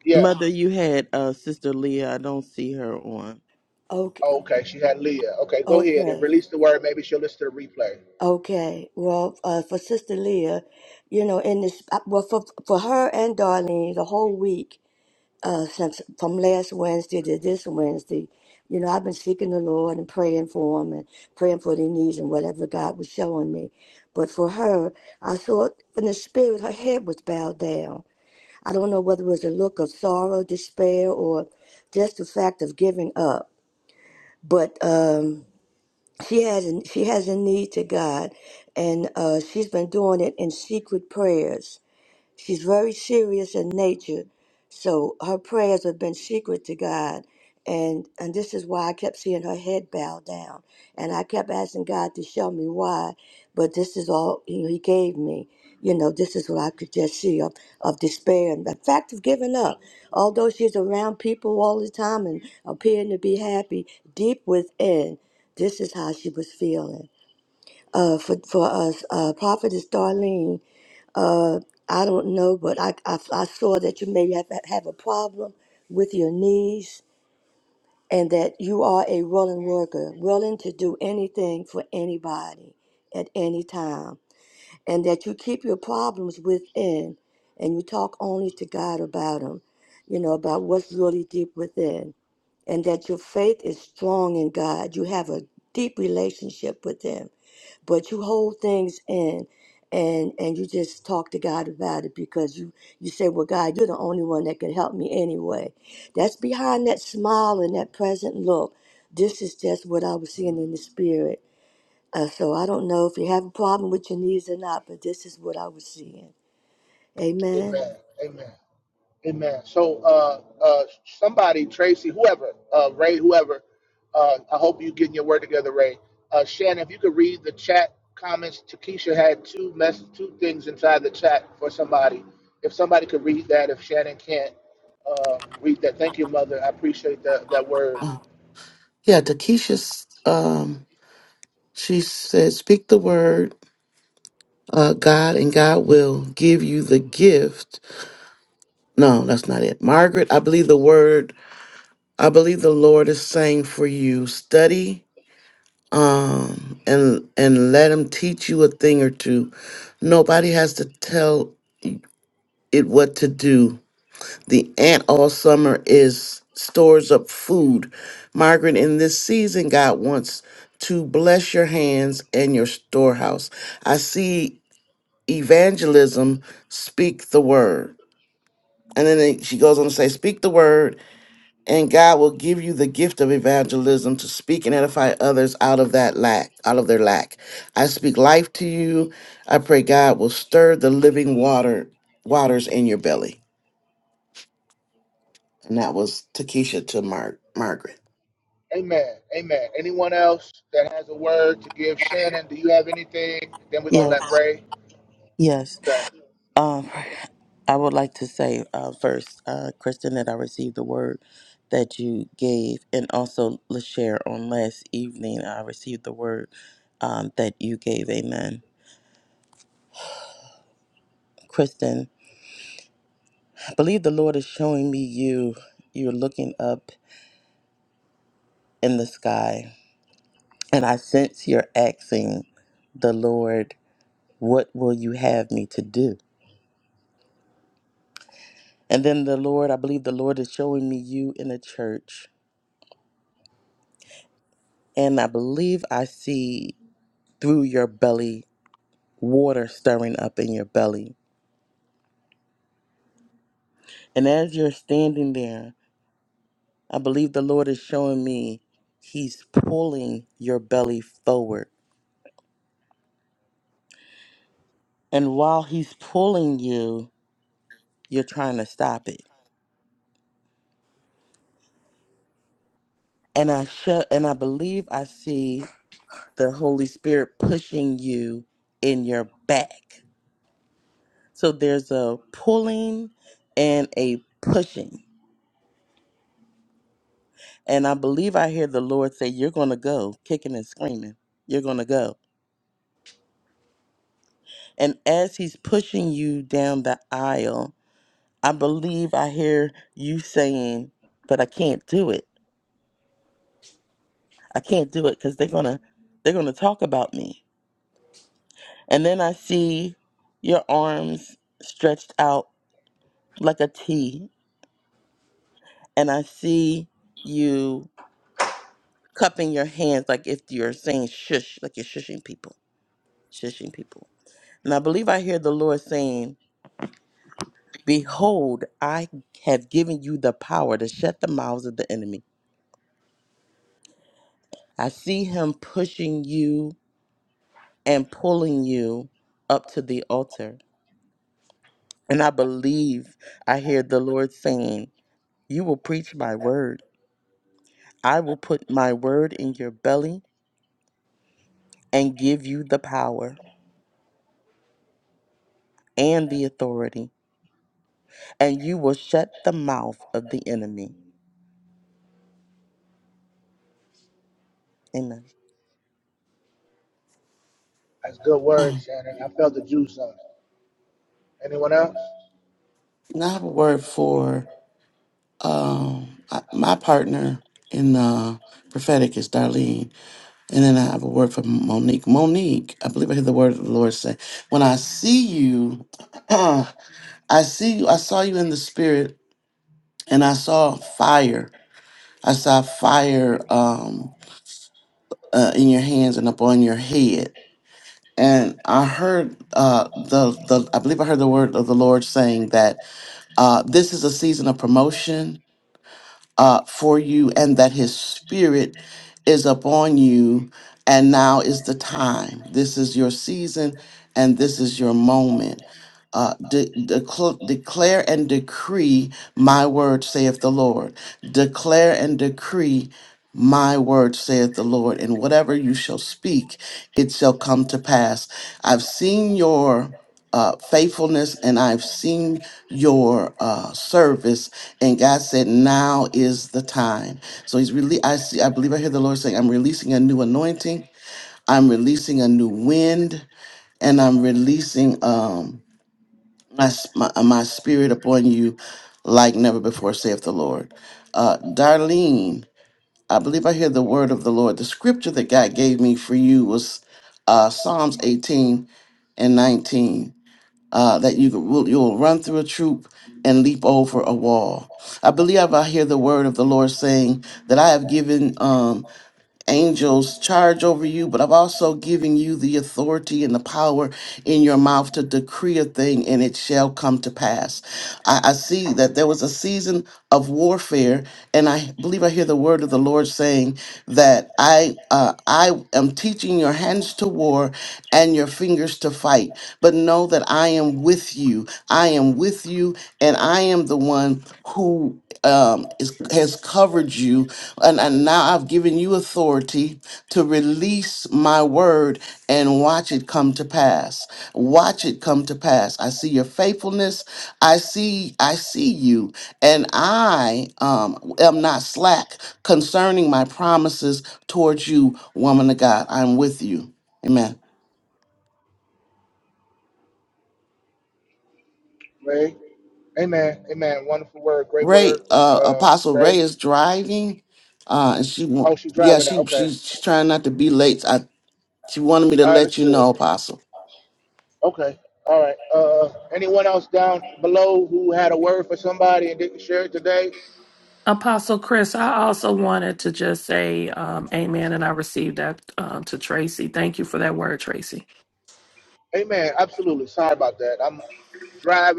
[SPEAKER 5] Yeah.
[SPEAKER 1] Mother, you had uh, Sister Leah. I don't see her on.
[SPEAKER 12] Okay,
[SPEAKER 5] Oh, Okay. She had Leah. Okay. Go ahead and
[SPEAKER 12] okay,
[SPEAKER 5] release the word. Maybe she'll listen to the replay.
[SPEAKER 12] okay. Well, uh, for Sister Leah, you know, in this, uh, well, for for her and Darlene, the whole week. uh, since from last Wednesday to this Wednesday. You know, I've been seeking the Lord and praying for him and praying for their needs and whatever God was showing me. But for her, I saw it in the spirit her head was bowed down. I don't know whether it was a look of sorrow, despair, or just the fact of giving up. But um, she has a, she has a need to God, and uh, she's been doing it in secret prayers She's very serious in nature, so her prayers have been secret to God. And and this is why I kept seeing her head bow down. And I kept asking God to show me why. But this is all you know, he gave me. You know, this is what I could just see of, of despair and the fact of giving up. Although she's around people all the time and appearing to be happy, deep within, this is how she was feeling. Uh, for, for us, uh, Prophetess Darlene, uh, I don't know, but I, I, I saw that you may have, have a problem with your knees and that you are a willing worker, willing to do anything for anybody at any time, and that you keep your problems within and you talk only to God about them, you know, about what's really deep within, and that your faith is strong in God. You have a deep relationship with Him but you hold things in and and you just talk to God about it because you you say well God you're the only one that can help me anyway that's behind that smile and that present look this is just what I was seeing in the spirit uh, so I don't know if you have a problem with your knees or not but this is what I was seeing amen
[SPEAKER 5] Amen. Amen. Amen. So, uh, uh, somebody, Tracy, whoever, uh, Ray, whoever, uh, I hope you getting your word together, Ray. Uh, Shannon, if you could read the chat comments, Takesha had two mess, two things inside the chat for somebody. If somebody could read that, if Shannon can't uh, read that, thank you, Mother. I appreciate that that word.
[SPEAKER 2] Uh, Yeah, Takesha's um she said, speak the word, uh, God, and God will give you the gift. No, that's not it. Margaret, I believe the word I believe the Lord is saying for you, study um and and let him teach you a thing or two. Nobody has to tell it what to do. The ant all summer is stores up food. Margaret, in this season, God wants to bless your hands and your storehouse. I see evangelism, speak the word. And then it- she goes on to say, Speak the word, and God will give you the gift of evangelism to speak and edify others out of that lack, out of their lack. I speak life to you. I pray God will stir the living water waters in your belly. And that was Takesha to Mar- Margaret.
[SPEAKER 5] Amen. Amen. Anyone else that has a word to give Shannon? Do you have anything? Then we're gonna
[SPEAKER 1] Yeah,
[SPEAKER 5] let Ray.
[SPEAKER 1] yes.
[SPEAKER 5] Okay,
[SPEAKER 1] Um, I would like to say uh, first, uh, Kristen, that I received the word that you gave, and also Lashare on last evening. I received the word um, that you gave. Amen. Kristen, I believe the Lord is showing me you. You're looking up in the sky, and I sense you're asking the Lord, "What will you have me to do?" And then the Lord, I believe the Lord is showing me you in a church. And I believe I see through your belly water stirring up in your belly. And as you're standing there, I believe the Lord is showing me He's pulling your belly forward. And while He's pulling you, you're trying to stop it. And I show, and I believe I see the Holy Spirit pushing you in your back. So there's a pulling and a pushing. And I believe I hear the Lord say, You're going to go, kicking and screaming. You're going to go. And as He's pushing you down the aisle, I believe I hear you saying, But I can't do it. I can't do it because they're going to. They're going to talk about me. And then I see your arms stretched out like a T. And I see you cupping your hands like if you're saying shush, like you're shushing people, shushing people. And I believe I hear the Lord saying, Behold, I have given you the power to shut the mouths of the enemy. I see him pushing you and pulling you up to the altar. And I believe I hear the Lord saying, You will preach my word. I will put my word in your belly and give you the power and the authority, and you will shut the mouth of the enemy. Amen.
[SPEAKER 5] that's good word, Shannon. I felt the juice on it. Anyone else?
[SPEAKER 2] Now I have a word for um, I- my partner in uh, prophetic is Darlene, and then I have a word for Monique. Monique, I believe I hear the word of the Lord say, "When I see you, I see you. I saw you in the spirit. and I saw fire. I saw fire um, uh, in your hands and upon your head. And I heard uh, the the I believe I heard the word of the Lord saying that uh, this is a season of promotion uh, for you and that his spirit is upon you. And now is the time. This is your season and this is your moment. Uh, de- decl- declare and decree my word, saith the Lord. Declare and decree my word, saith the Lord. And whatever you shall speak, it shall come to pass. I've seen your uh, faithfulness and I've seen your uh, service and God said, "Now is the time." So He's really. I see. I believe I hear the Lord saying, "I'm releasing a new anointing. I'm releasing a new wind, and I'm releasing um my s- my, uh, my spirit upon you, like never before," saith the Lord. Uh, Darlene, I believe I hear the word of the Lord. The scripture that God gave me for you was uh, Psalms 18 and 19 uh, that you will you'll run through a troop and leap over a wall. I believe I hear the word of the Lord saying that I have given um, angels charge over you, but I've also given you the authority and the power in your mouth to decree a thing and it shall come to pass. I, I see that there was a season of warfare, and I believe I hear the word of the Lord saying that I uh, I am teaching your hands to war and your fingers to fight. But know that I am with you. I am with you, and I am the one who um, is, has covered you, and, and now I've given you authority to release my word and watch it come to pass. Watch it come to pass. I see your faithfulness I see, I see you, and I um, am not slack concerning my promises towards you, woman of God. I'm with you. Amen.
[SPEAKER 5] Ray. Amen. Amen. Wonderful word. Great
[SPEAKER 2] Ray,
[SPEAKER 5] word.
[SPEAKER 2] uh,
[SPEAKER 5] Uh,
[SPEAKER 2] Apostle Ray
[SPEAKER 5] Ray.
[SPEAKER 2] is driving, uh, and she want,
[SPEAKER 5] Oh, she's
[SPEAKER 2] yeah,
[SPEAKER 5] driving now.
[SPEAKER 2] she
[SPEAKER 5] Okay.
[SPEAKER 2] she's, she's trying not to be late. I she wanted me to
[SPEAKER 5] I
[SPEAKER 2] let you
[SPEAKER 5] understood.
[SPEAKER 2] know, Apostle.
[SPEAKER 5] Okay. All right. Uh, anyone else down below who had a word for somebody and didn't share it today?
[SPEAKER 9] Apostle Chris, I also wanted to just say um, amen. And I received that um, to Tracy. Thank you for that word, Tracy.
[SPEAKER 5] Amen. Absolutely. Sorry about that. I'm driving,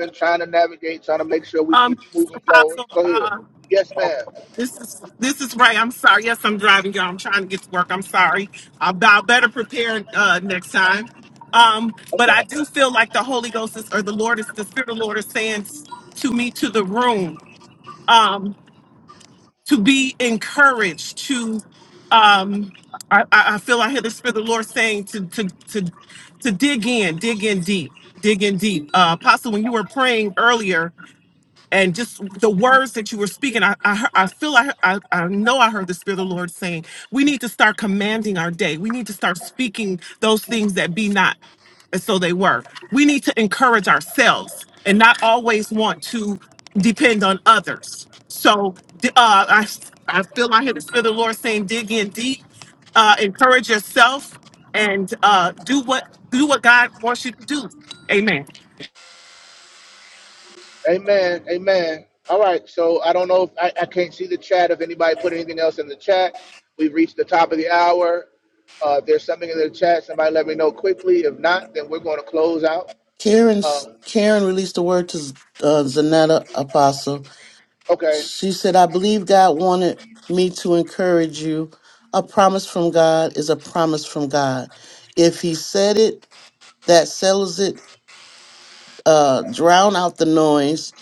[SPEAKER 5] trying to make sure we
[SPEAKER 3] Um,
[SPEAKER 5] keep moving forward. Go
[SPEAKER 3] Apostle,
[SPEAKER 5] ahead. Yes, ma'am.
[SPEAKER 3] This is this is Ray. I'm sorry. Yes, I'm driving y'all. I'm trying to get to work. I'm sorry. I'll, I'll better prepare uh, next time. Um, but I do feel like the Holy Ghost is, or the Lord is, the Spirit of the Lord is saying to me to the room um, to be encouraged. To um, I, I I feel I hear the Spirit of the Lord saying to to to to dig in, dig in deep, dig in deep. Uh, Apostle, when you were praying earlier, and just the words that you were speaking, I I, hear- I feel I, I I know I heard the Spirit of the Lord saying we need to start commanding our day. We need to start speaking those things that be not as so they were. We need to encourage ourselves and not always want to depend on others. So d- uh, I I feel I hear the Spirit of the Lord saying, dig in deep, uh, encourage yourself, and uh, do what do what God wants you to do. Amen.
[SPEAKER 5] Amen. Amen. All right. So I don't know if I, I can't see the chat. If anybody put anything else in the chat, we've reached the top of the hour. Uh, if there's something in the chat, somebody let me know quickly. If not, then we're going to close out.
[SPEAKER 2] Karen's
[SPEAKER 5] Um,
[SPEAKER 2] Karen released the word to Z- uh, Zanetta, Apostle.
[SPEAKER 5] okay.
[SPEAKER 2] She said, I believe God wanted me to encourage you. A promise from God is a promise from God. If He said it, that settles it. Uh, drown out the noise,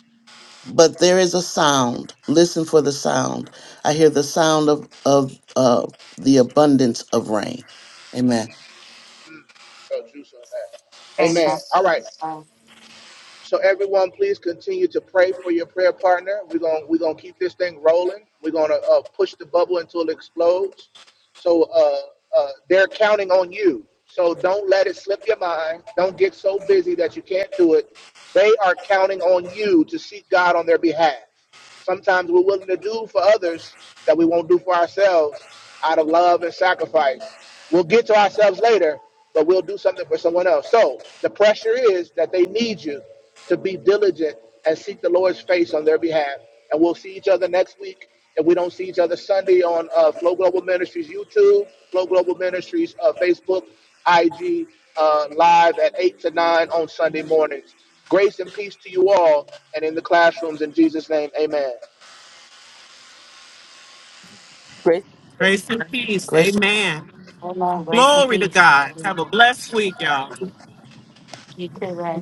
[SPEAKER 2] but there is a sound. Listen for the sound. I hear the sound of, of uh, the abundance of rain. Amen.
[SPEAKER 5] So juice on that. Amen. All right. So everyone, please continue to pray for your prayer partner. We're gonna we're gonna keep this thing rolling. We're gonna uh, push the bubble until it explodes. So uh, uh, they're counting on you. So don't let it slip your mind. Don't get so busy that you can't do it. They are counting on you to seek God on their behalf. Sometimes we're willing to do for others that we won't do for ourselves out of love and sacrifice. We'll get to ourselves later, but we'll do something for someone else. So the pressure is that they need you to be diligent and seek the Lord's face on their behalf. And we'll see each other next week. If we don't see each other Sunday on uh, Flow Global Ministries YouTube, Flow Global Ministries uh, Facebook, IG. Uh,
[SPEAKER 1] Grace
[SPEAKER 3] Grace and peace. Amen.
[SPEAKER 7] Grace and
[SPEAKER 3] Glory to
[SPEAKER 7] peace.
[SPEAKER 3] God. Have a blessed week, y'all.
[SPEAKER 7] You too, Ray.